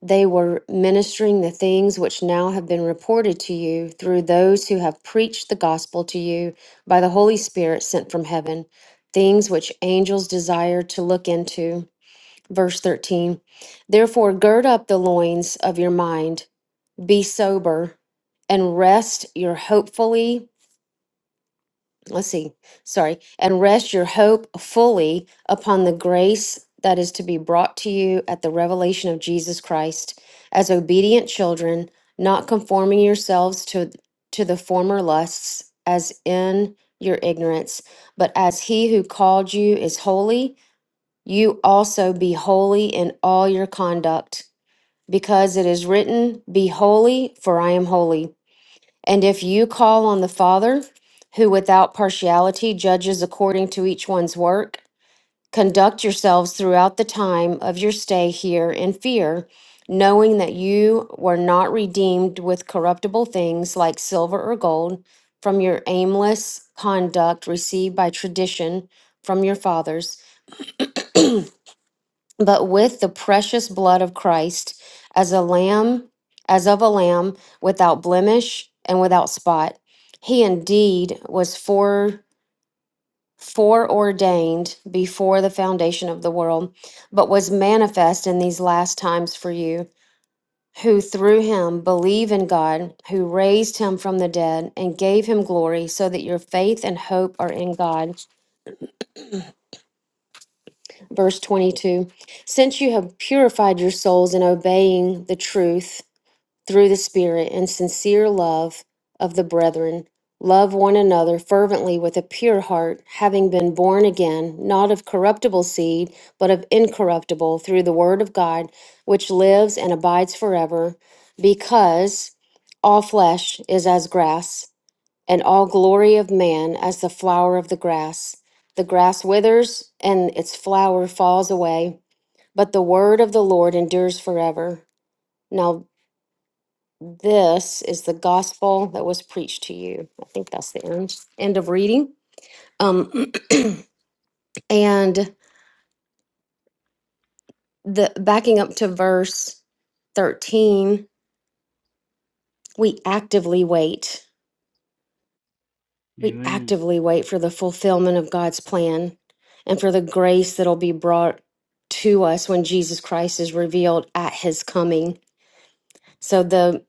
B: they were ministering the things which now have been reported to you through those who have preached the gospel to you by the Holy Spirit sent from heaven, things which angels desire to look into. Verse 13 Therefore, gird up the loins of your mind, be sober, and rest your hopefully let's see, sorry, and rest your hope fully upon the grace that is to be brought to you at the revelation of Jesus Christ as obedient children, not conforming yourselves to to the former lusts as in your ignorance, but as he who called you is holy, you also be holy in all your conduct, because it is written, be holy, for I am holy. And if you call on the Father, who without partiality judges according to each one's work, conduct yourselves throughout the time of your stay here in fear, knowing that you were not redeemed with corruptible things like silver or gold from your aimless conduct received by tradition from your fathers but with the precious blood of Christ as a lamb, as of a lamb without blemish and without spot. He indeed was fore, foreordained before the foundation of the world, but was manifest in these last times for you, who through him believe in God, who raised him from the dead and gave him glory, so that your faith and hope are in God. Verse 22 Since you have purified your souls in obeying the truth, through the Spirit and sincere love of the brethren. Love one another fervently with a pure heart, having been born again, not of corruptible seed, but of incorruptible, through the word of God, which lives and abides forever, because all flesh is as grass, and all glory of man as the flower of the grass. The grass withers, and its flower falls away, but the word of the Lord endures forever. Now this is the gospel that was preached to you. I think that's the end end of reading. Um, and the backing up to verse thirteen, we actively wait. We
G: Amen.
B: actively wait for the fulfillment of God's plan and for the grace that'll be brought to us when Jesus Christ is revealed at his coming. So the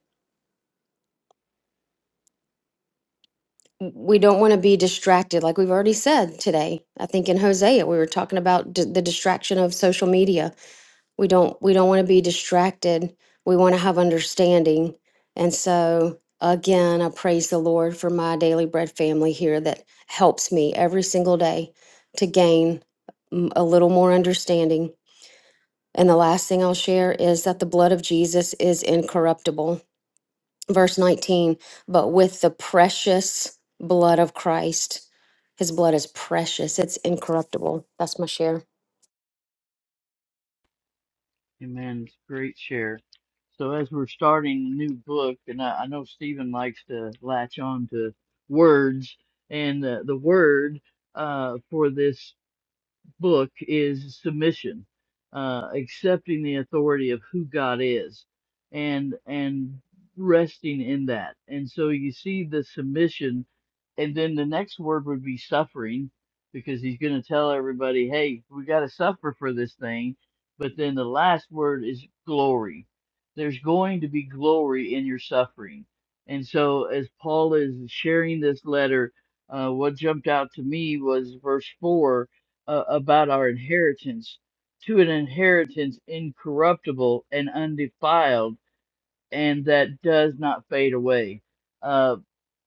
B: we don't want to be distracted like we've already said today. I think in Hosea we were talking about d- the distraction of social media we don't we don't want to be distracted we want to have understanding and so again i praise the lord for my daily bread family here that helps me every single day to gain mm, a little more understanding and the last thing i'll share is that the blood of jesus is incorruptible verse 19 but with the precious blood of christ his blood is precious it's incorruptible that's my share
G: Amen. Great share. So as we're starting a new book, and I, I know Stephen likes to latch on to words, and uh, the word uh, for this book is submission, uh, accepting the authority of who God is, and and resting in that. And so you see the submission, and then the next word would be suffering, because he's going to tell everybody, hey, we got to suffer for this thing. But then the last word is glory. There's going to be glory in your suffering. And so as Paul is sharing this letter, uh, what jumped out to me was verse four uh, about our inheritance to an inheritance incorruptible and undefiled and that does not fade away. Uh,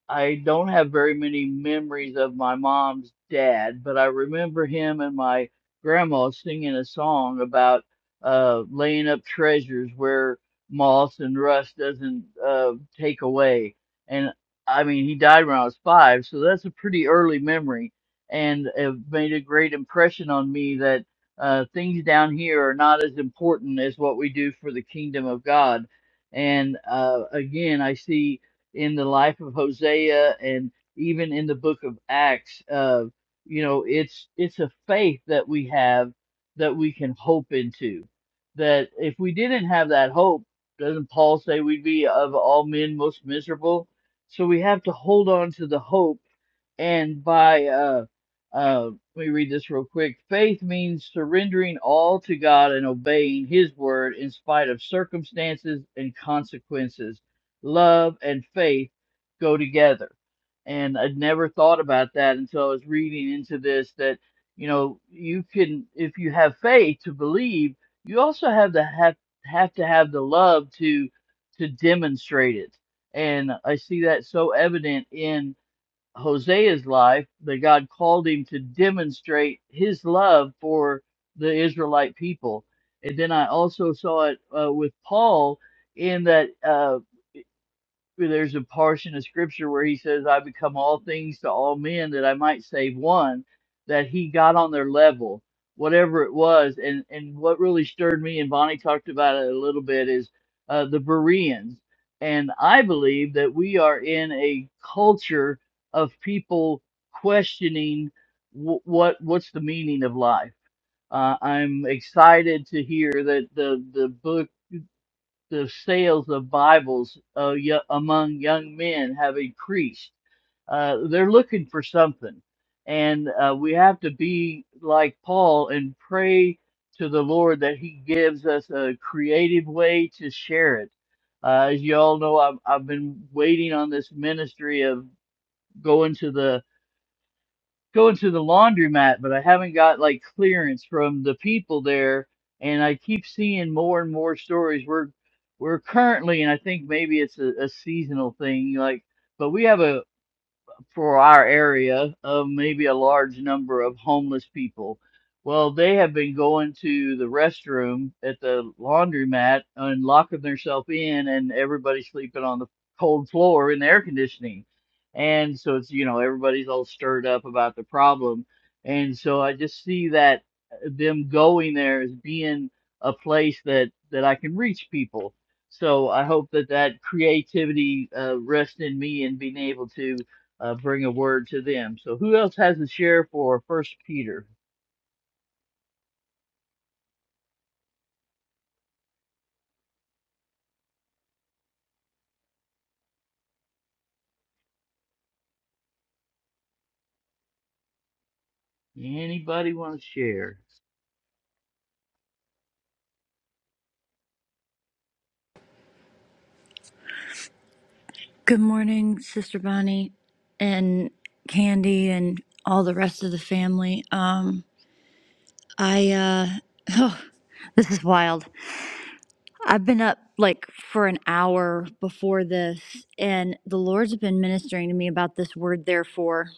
G: I don't have very many memories of my mom's dad, but I remember him and my grandma singing a song about uh, laying up treasures where moss and rust doesn't uh, take away. And I mean, he died when I was five, so that's a pretty early memory, and it made a great impression on me that uh, things down here are not as important as what we do for the kingdom of God. And uh, again, I see in the life of Hosea and even in the book of Acts. Uh, you know, it's it's a faith that we have that we can hope into. That if we didn't have that hope, doesn't Paul say we'd be of all men most miserable? So we have to hold on to the hope and by uh uh let me read this real quick faith means surrendering all to god and obeying his word in spite of circumstances and consequences love and faith go together and i'd never thought about that until i was reading into this that you know you can if you have faith to believe you also have to have have to have the love to to demonstrate it and i see that so evident in. Hosea's life that God called him to demonstrate his love for the Israelite people. And then I also saw it uh, with Paul in that. uh, there's a portion of scripture where he says, I become all things to all men that I might save one, that he got on their level, whatever it was. And, and what really stirred me, and Bonnie talked about it a little bit, is uh, the Bereans. And I believe that we are in a culture of people questioning w- what what's the meaning of life. Uh, I'm excited to hear that the, the book the sales of Bibles uh, yo- among young men have increased. Uh, they're looking for something. And uh, we have to be like Paul and pray to the Lord that He gives us a creative way to share it. Uh, as you all know, I've, I've been waiting on this ministry of going to the going to the laundromat, but I haven't got like clearance from the people there. And I keep seeing more and more stories. We're we're currently, and I think maybe it's a, a seasonal thing, like, but we have a, for our area of maybe a large number of homeless people. Well, they have been going to the restroom at the laundromat and locking themselves in, and everybody's sleeping on the cold floor in the air conditioning. And so it's, you know, everybody's all stirred up about the problem. And so I just see that uh, them going there as being a place that, that I can reach people. So I hope that that creativity uh, rests in me and being able to uh, bring a word to them. So who else has a share for First Peter? Anybody want to share?
H: Good morning, Sister Bonnie and Candy and all the rest of the family. Um I uh this is wild. I've been up like for an hour before this and the Lord's been ministering to me about this word therefore.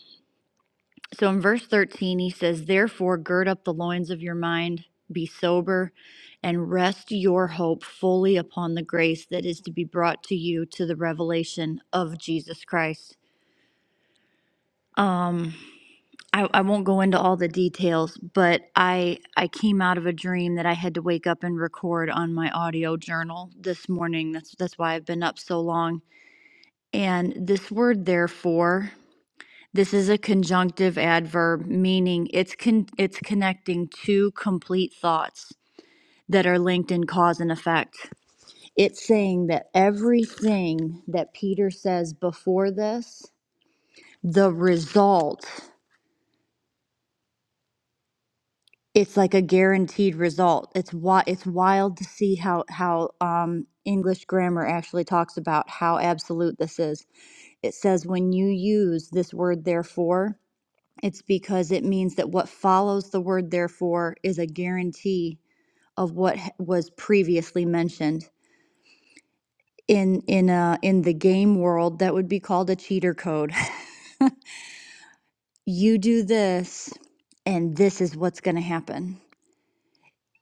H: So in verse 13 he says, "Therefore gird up the loins of your mind, be sober, and rest your hope fully upon the grace that is to be brought to you to the revelation of Jesus Christ." Um I, I won't go into all the details, but I I came out of a dream that I had to wake up and record on my audio journal this morning. That's that's why I've been up so long. And this word therefore, this is a conjunctive adverb meaning it's con- it's connecting two complete thoughts that are linked in cause and effect. It's saying that everything that Peter says before this, the result it's like a guaranteed result. It's wi- it's wild to see how how um, English grammar actually talks about how absolute this is. It says when you use this word therefore, it's because it means that what follows the word therefore is a guarantee of what h- was previously mentioned. In in uh in the game world, that would be called a cheater code. you do this, and this is what's going to happen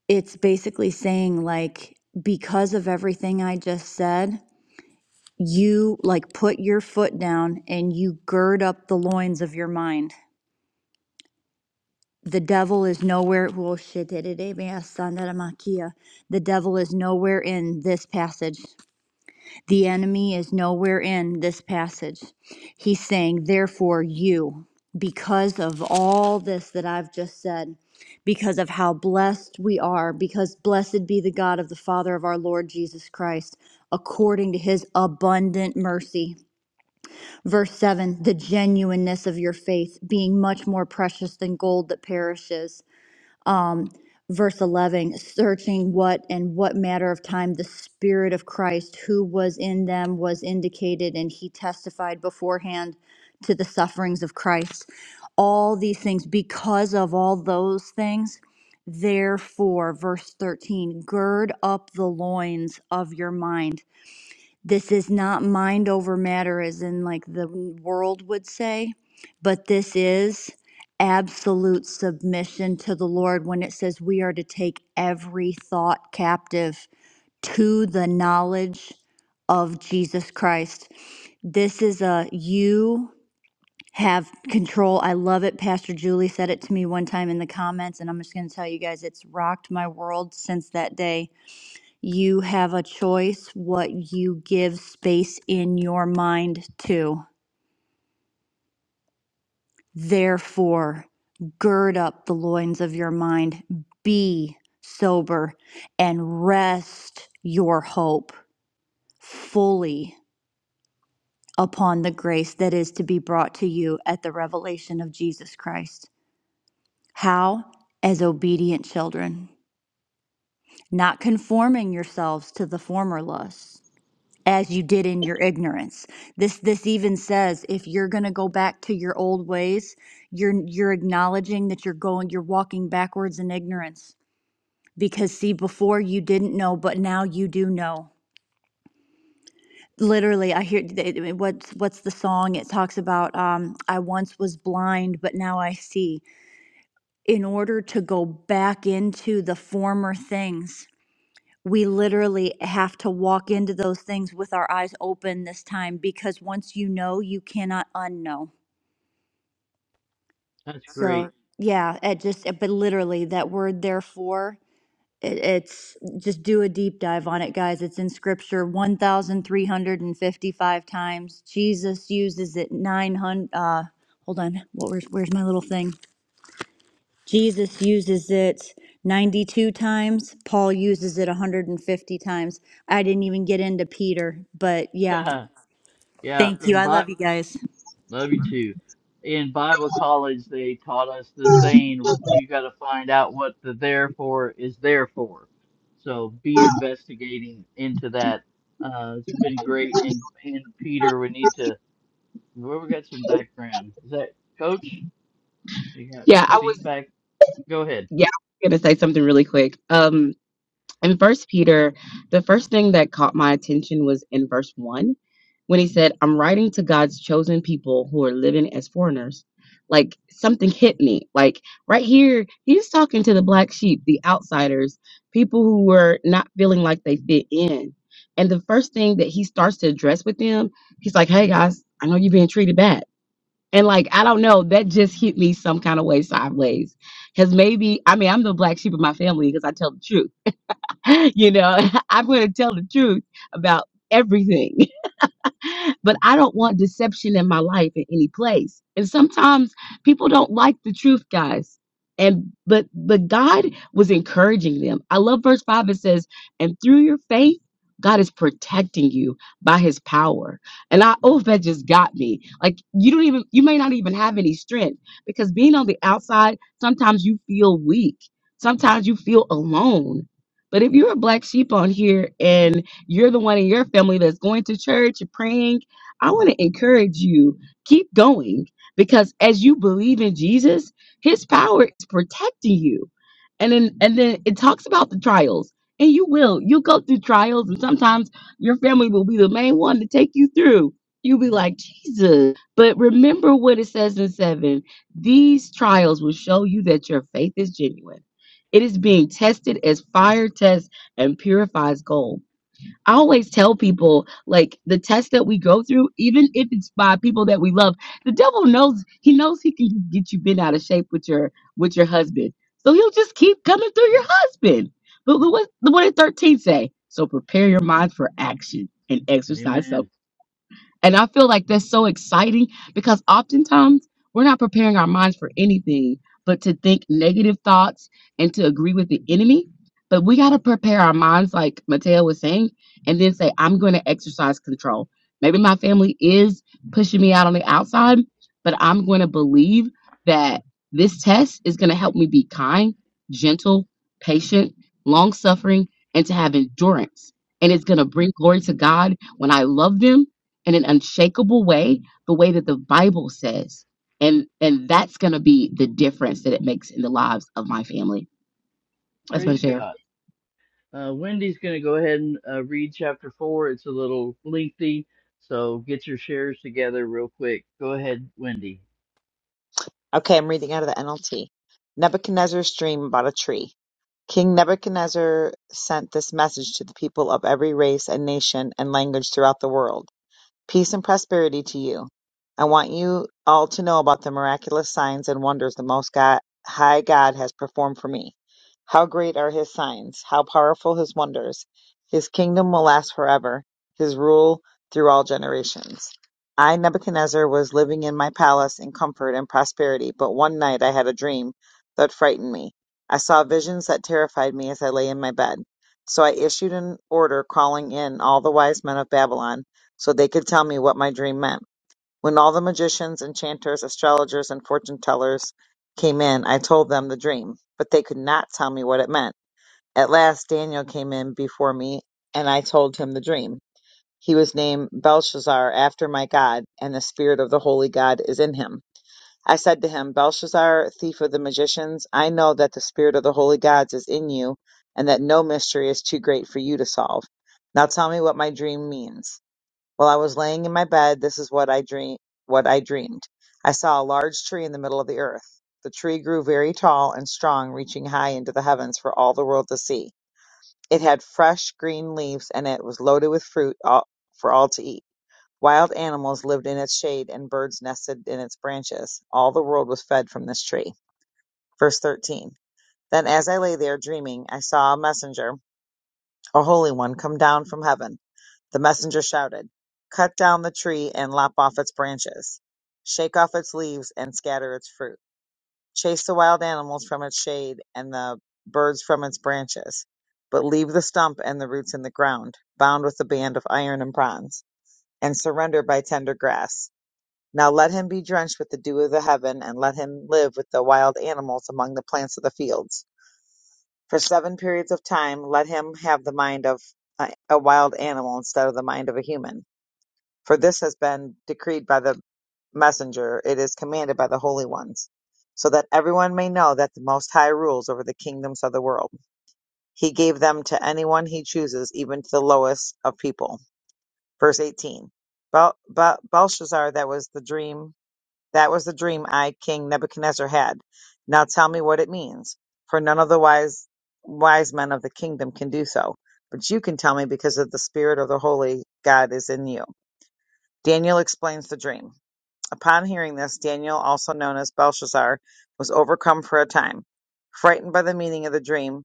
H: it's basically saying like because of everything i just said you like put your foot down and you gird up the loins of your mind the devil is nowhere well, shit, da, da, da, ba, son, da, da, ma, kia. the devil is nowhere in this passage The enemy is nowhere in this passage. He's saying, therefore, you, because of all this that I've just said, because of how blessed we are, because blessed be the God of the Father of our Lord Jesus Christ, according to his abundant mercy. Verse 7 the genuineness of your faith, being much more precious than gold that perishes um, verse 11 searching what and what matter of time the spirit of christ who was in them was indicated and he testified beforehand to the sufferings of christ all these things because of all those things therefore verse 13 gird up the loins of your mind this is not mind over matter, as in like the world would say, but this is absolute submission to the Lord when it says we are to take every thought captive to the knowledge of Jesus Christ. This is a you have control. I love it. Pastor Julie said it to me one time in the comments, and I'm just going to tell you guys it's rocked my world since that day you have a choice what you give space in your mind to. Therefore, gird up the loins of your mind, be sober, and rest your hope fully upon the grace that is to be brought to you at the revelation of Jesus Christ. How? As obedient children, not conforming yourselves to the former lusts as you did in your ignorance. This this even says if you're going to go back to your old ways, you're you're acknowledging that you're going you're walking backwards in ignorance because see before you didn't know but now you do know. Literally, I hear th- th- what's what's the song it talks about um I once was blind but now I see. In order to go back into the former things we literally have to walk into those things with our eyes open this time because once you know, you cannot unknow.
G: That's great.
H: So, yeah, it just, but literally, that word therefore, it, it's just do a deep dive on it, guys. It's in scripture 1,355 times. Jesus uses it 900. Uh, hold on, what, where's, where's my little thing? Jesus uses it 92 times, Paul uses it 150 times. I didn't even get into Peter, but yeah.
G: yeah,
H: Thank you.
G: in
H: I
G: Bi-
H: love you guys.
G: love you too. In Bible college, they taught us the saying: "We got to find out what the therefore is there for." So be investigating into that. Uh, it's been great. And and Peter, we need to. Well, we got some background. Is that Coach? You got
I: Yeah, I was
G: feedback? Go ahead.
I: yeah, I was gonna say something really quick. Um in first Peter, the first thing that caught my attention was in verse one when he said, I'm writing to God's chosen people who are living as foreigners. Like something hit me. Like right here, he's talking to the black sheep, the outsiders, people who were not feeling like they fit in. And the first thing that he starts to address with them, he's like, Hey guys, I know you're being treated bad and like, I don't know, that just hit me some kind of way sideways. Cause maybe, I mean, I'm the black sheep of my family because I tell the truth. You know, I'm going to tell the truth about everything. but I don't want deception in my life in any place. And sometimes people don't like the truth, guys. And but but God was encouraging them. I love verse 5 it says, "And through your faith God is protecting you by his power. And I, oh, that just got me. Like, you don't even, you may not even have any strength because being on the outside, sometimes you feel weak. Sometimes you feel alone. But if you're a black sheep on here and you're the one in your family that's going to church and praying, I want to encourage you keep going because as you believe in Jesus, his power is protecting you. And then and then it talks about the trials. And you will. You'll go through trials and sometimes your family will be the main one to take you through. You'll be like, Jesus. But remember what it says in seven. These trials will show you that your faith is genuine. It is being tested as fire tests and purifies gold. I always tell people like the test that we go through, even if it's by people that we love, the devil knows he knows he can get you bent out of shape with your with your husband. So he'll just keep coming through your husband. But what what did 13 say? So prepare your mind for action and exercise self
G: Amen.
I: and I feel like that's so exciting because oftentimes we're not preparing our minds for anything but to think negative thoughts and to agree with the enemy. But we got to prepare our minds, like Mateo was saying, and then say, I'm going to exercise control. Maybe my family is pushing me out on the outside, but I'm going to believe that this test is going to help me be kind, gentle, patient, long suffering, and to have endurance. And it's going to bring glory to God when I love them in an unshakable way, the way that the Bible says. And and that's gonna be the difference that it makes in the lives of my family. That's my
G: Praise
I: share.
G: God. Uh, Wendy's going to go ahead and uh, read chapter four. It's a little lengthy, so get your shares together real quick. Go ahead, Wendy.
J: Okay, I'm reading out of the NLT. Nebuchadnezzar's dream about a tree. King Nebuchadnezzar sent this message to the people of every race and nation and language throughout the world. Peace and prosperity to you. I want you all to know about the miraculous signs and wonders the Most God, High God has performed for me. How great are His signs! How powerful His wonders! His kingdom will last forever, His rule through all generations. I, Nebuchadnezzar, was living in my palace in comfort and prosperity, but one night I had a dream that frightened me. I saw visions that terrified me as I lay in my bed. So I issued an order calling in all the wise men of Babylon so they could tell me what my dream meant. When all the magicians, enchanters, astrologers, and fortune tellers came in, I told them the dream, but they could not tell me what it meant. At last, Daniel came in before me, and I told him the dream. He was named Belshazzar after my God, and the spirit of the holy God is in him. I said to him, Belshazzar, thief of the magicians, I know that the spirit of the holy gods is in you, and that no mystery is too great for you to solve. Now tell me what my dream means. While I was laying in my bed, this is what I dream what I dreamed. I saw a large tree in the middle of the earth. The tree grew very tall and strong, reaching high into the heavens for all the world to see. It had fresh green leaves and it was loaded with fruit all, for all to eat. Wild animals lived in its shade and birds nested in its branches. All the world was fed from this tree. Verse 13. Then as I lay there dreaming, I saw a messenger, a holy one, come down from heaven. The messenger shouted, Cut down the tree and lop off its branches. Shake off its leaves and scatter its fruit. Chase the wild animals from its shade and the birds from its branches. But leave the stump and the roots in the ground, bound with a band of iron and bronze, and surrender by tender grass. Now let him be drenched with the dew of the heaven, and let him live with the wild animals among the plants of the fields. For seven periods of time, let him have the mind of a, a wild animal instead of the mind of a human for this has been decreed by the messenger, it is commanded by the holy ones, so that everyone may know that the Most High rules over the kingdoms of the world. He gave them to anyone he chooses, even to the lowest of people. Verse 18. Bel- Bel- Belshazzar, that was the dream, that was the dream I, King Nebuchadnezzar, had. Now tell me what it means, for none of the wise, wise men of the kingdom can do so. But you can tell me because of the spirit of the holy God is in you. Daniel explains the dream. Upon hearing this, Daniel, also known as Belshazzar, was overcome for a time, frightened by the meaning of the dream.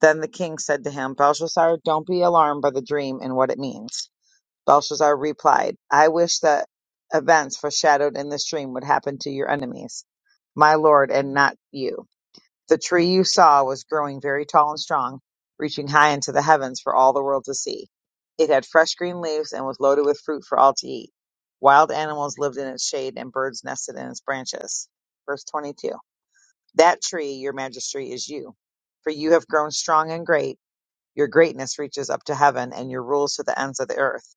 J: Then the king said to him, Belshazzar, don't be alarmed by the dream and what it means. Belshazzar replied, I wish that events foreshadowed in this dream would happen to your enemies, my lord, and not you. The tree you saw was growing very tall and strong, reaching high into the heavens for all the world to see. It had fresh green leaves and was loaded with fruit for all to eat. Wild animals lived in its shade and birds nested in its branches. Verse 22. That tree, your majesty, is you. For you have grown strong and great. Your greatness reaches up to heaven and your rules to the ends of the earth.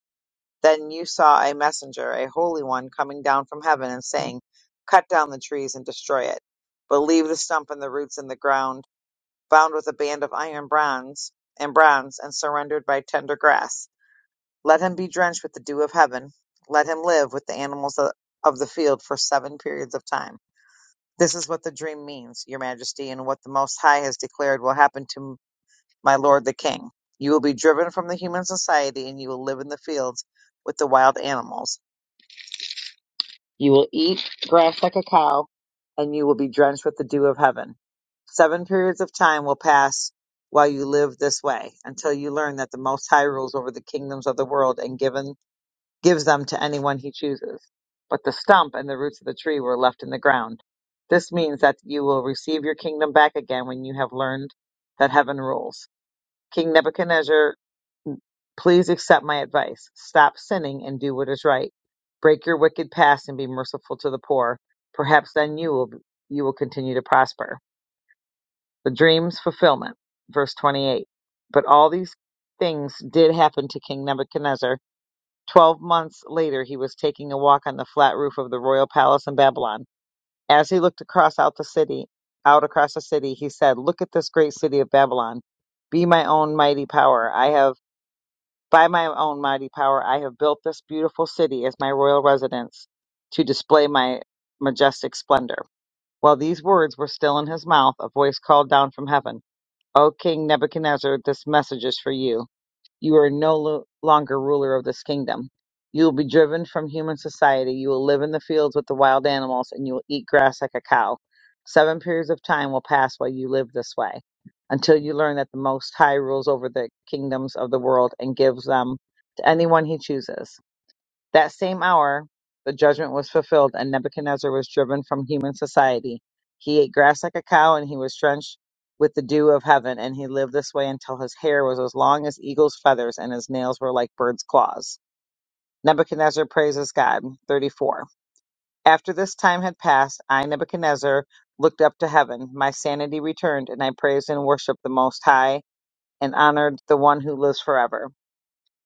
J: Then you saw a messenger, a holy one, coming down from heaven and saying, Cut down the trees and destroy it, but leave the stump and the roots in the ground bound with a band of iron bronze and bronze, and surrendered by tender grass. Let him be drenched with the dew of heaven. Let him live with the animals of the field for seven periods of time. This is what the dream means, Your Majesty, and what the Most High has declared will happen to my lord the king. You will be driven from the human society, and you will live in the fields with the wild animals. You will eat grass like a cow, and you will be drenched with the dew of heaven. Seven periods of time will pass while you live this way, until you learn that the Most High rules over the kingdoms of the world and given gives them to anyone he chooses. But the stump and the roots of the tree were left in the ground. This means that you will receive your kingdom back again when you have learned that heaven rules. King Nebuchadnezzar Please accept my advice. Stop sinning and do what is right. Break your wicked past and be merciful to the poor. Perhaps then you will you will continue to prosper. The dream's fulfillment. Verse 28. But all these things did happen to King Nebuchadnezzar. 12 months later he was taking a walk on the flat roof of the royal palace in Babylon. As he looked across out the city, out across the city, he said, "Look at this great city of Babylon. Be my own mighty power. I have by my own mighty power, I have built this beautiful city as my royal residence to display my majestic splendor. While these words were still in his mouth, a voice called down from heaven, O King Nebuchadnezzar, this message is for you. You are no lo- longer ruler of this kingdom. You will be driven from human society. You will live in the fields with the wild animals, and you will eat grass like a cow. Seven periods of time will pass while you live this way, until you learn that the Most High rules over the kingdoms of the world and gives them to anyone he chooses. That same hour, the judgment was fulfilled, and Nebuchadnezzar was driven from human society. He ate grass like a cow, and he was drenched with the dew of heaven, and he lived this way until his hair was as long as eagle's feathers, and his nails were like bird's claws. Nebuchadnezzar praises God. 34. After this time had passed, I, Nebuchadnezzar, looked up to heaven. My sanity returned, and I praised and worshiped the Most High and honored the one who lives forever.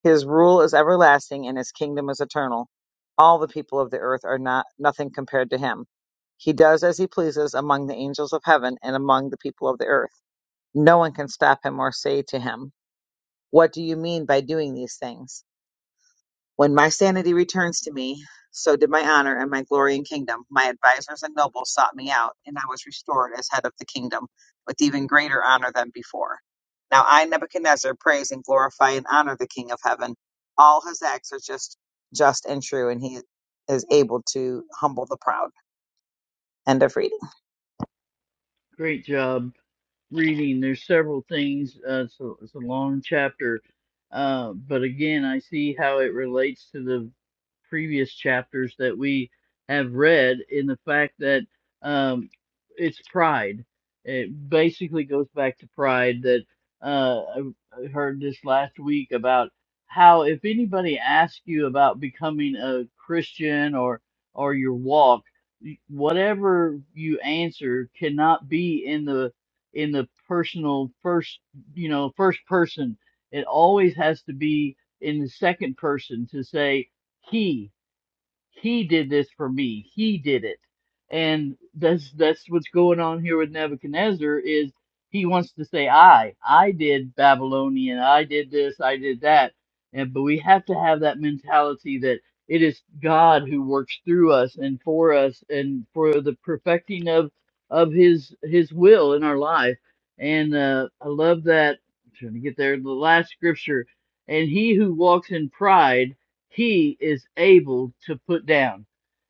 J: His rule is everlasting, and his kingdom is eternal. All the people of the earth are not nothing compared to him. He does as he pleases among the angels of heaven and among the people of the earth. No one can stop him or say to him, What do you mean by doing these things? When my sanity returns to me, so did my honor and my glory and kingdom. My advisors and nobles sought me out, and I was restored as head of the kingdom, with even greater honor than before. Now I, Nebuchadnezzar, praise and glorify and honor the King of heaven. All his acts are just, just and true, and he is able to humble the proud. End of reading.
G: Great job reading. There's several things. Uh, it's, a, it's a long chapter. Uh, but again, I see how it relates to the previous chapters that we have read in the fact that um, it's pride. It basically goes back to pride that uh, I I heard this last week about how if anybody asks you about becoming a Christian or or your walk, whatever you answer cannot be in the in the personal first you know first person it always has to be in the second person to say he he did this for me. He did it. And that's that's what's going on here with Nebuchadnezzar is he wants to say I. I did Babylonian. I did this. I did that. And but we have to have that mentality that it is God who works through us and for us and for the perfecting of of his his will in our life. And uh, I love that. I'm trying to get there. The last scripture. And he who walks in pride he is able to put down.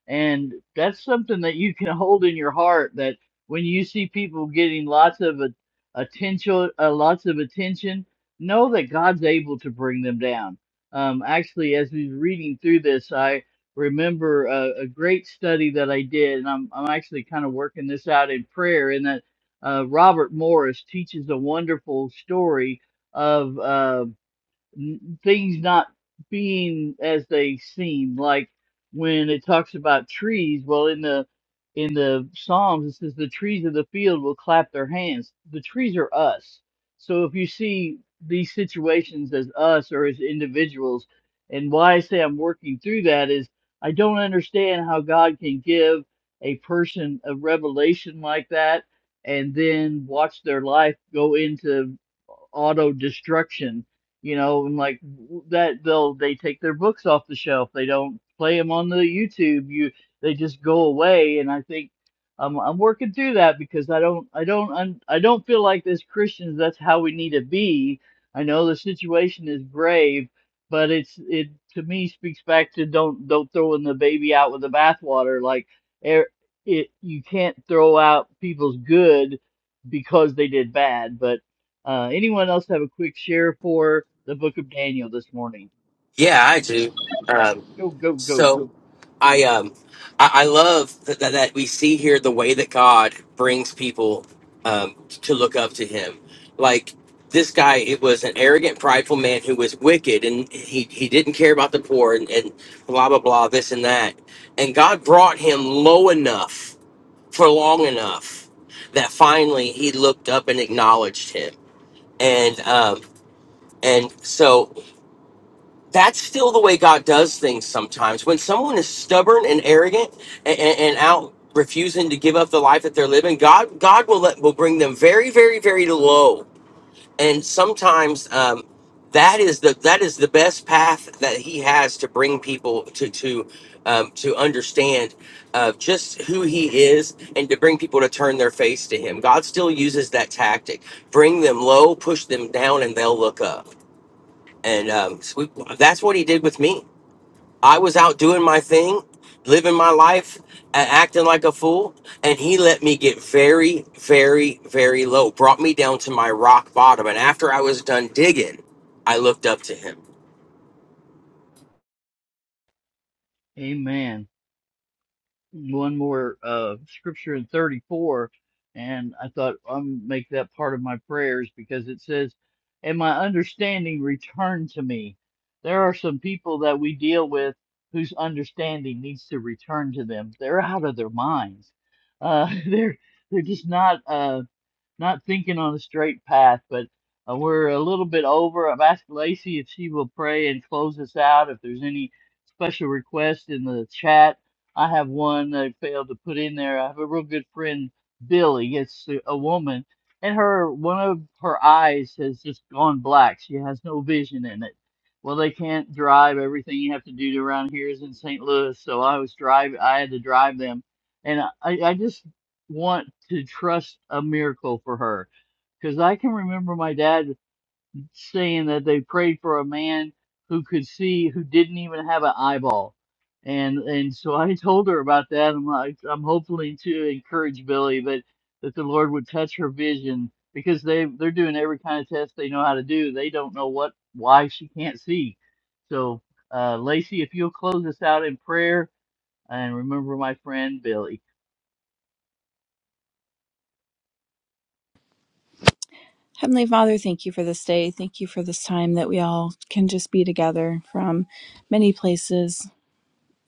G: And that's something that you can hold in your heart that when you see people getting lots of a- attention, uh, lots of attention, know that God's able to bring them down. Um, actually, as we was reading through this, I remember a, a great study that I did, and I'm, I'm actually kind of working this out in prayer. In that uh, Robert Morris teaches a wonderful story of. uh, n- things not being as they seem. Like when it talks about trees, well, in the in the Psalms it says the trees of the field will clap their hands. The trees are us. So if you see these situations as us or as individuals, and why I say I'm working through that is I don't understand how God can give a person a revelation like that and then watch their life go into auto destruction you know, and like that they'll they take their books off the shelf. They don't play them on the YouTube. You they just go away. And I think I'm I'm working through that because I don't I don't un- I don't feel like as Christians that's how we need to be. I know the situation is grave, but it's it to me speaks back to don't don't throw in the baby out with the bathwater. Like er, it you can't throw out people's good because they did bad, but uh, anyone else have a quick share for the book of Daniel this morning?
E: Yeah, I do. Um,
G: Go, go, go.
E: So I um I, I love that, that that we see here the way that God brings people um to look up to him. Like this guy, it was an arrogant, prideful man who was wicked and he, he didn't care about the poor and, and blah blah blah, this and that. And God brought him low enough for long enough that finally he looked up and acknowledged him. And um and so that's still the way God does things sometimes. When someone is stubborn and arrogant and, and, and out refusing to give up the life that they're living, God God will let will bring them very very very low. And sometimes um, that is the that is the best path that He has to bring people to to um, to understand uh, just who He is and to bring people to turn their face to Him. God still uses that tactic: bring them low, push them down, and they'll look up. And um, so we, that's what He did with me I was out doing my thing, living my life, and acting like a fool. And he let me get very, very, very low, brought me down to my rock bottom. And after I was done digging, I looked up to him.
G: Amen. One more uh, scripture in 34, and I thought I'll make that part of my prayers because it says, And my understanding returned to me. There are some people that we deal with whose understanding needs to return to them. They're out of their minds. Uh, they're they're just not. Uh, not thinking on a straight path, but uh, we're a little bit over. I've asked Lacey if she will pray and close us out. If there's any special requests in the chat, I have one that I failed to put in there. I have a real good friend, Billy. It's a a woman, and her one of her eyes has just gone black. She has no vision in it. Well, they can't drive. Everything you have to do around here is in St. Louis, so I was drive. I had to drive them, and I, I just want to trust a miracle for her because I can remember my dad saying that they prayed for a man who could see who didn't even have an eyeball. And and so I told her about that. I'm like I'm hopefully to encourage Billy, but that the Lord would touch her vision because they they're doing every kind of test they know how to do. They don't know what why she can't see. So uh, Lacey, if you'll close us out in prayer and remember my friend Billy.
K: Heavenly Father, thank you for this day. Thank you for this time that we all can just be together from many places.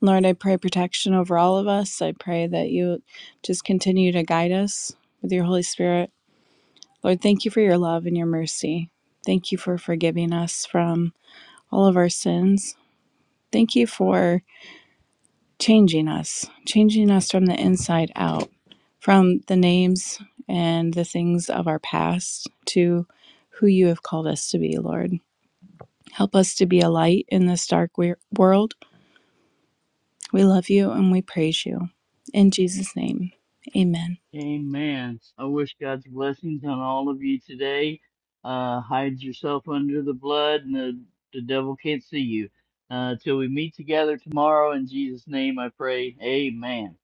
K: Lord, I pray protection over all of us. I pray that you just continue to guide us with your Holy Spirit. Lord, thank you for your love and your mercy. Thank you for forgiving us from all of our sins. Thank you for changing us, changing us from the inside out, from the names and the things of our past to who you have called us to be, Lord. Help us to be a light in this dark world. We love you and we praise you. In Jesus' name, amen.
G: Amen. I wish God's blessings on all of you today. Uh, hide yourself under the blood, and the, the devil can't see you. Uh, till we meet together tomorrow, in Jesus' name I pray. Amen.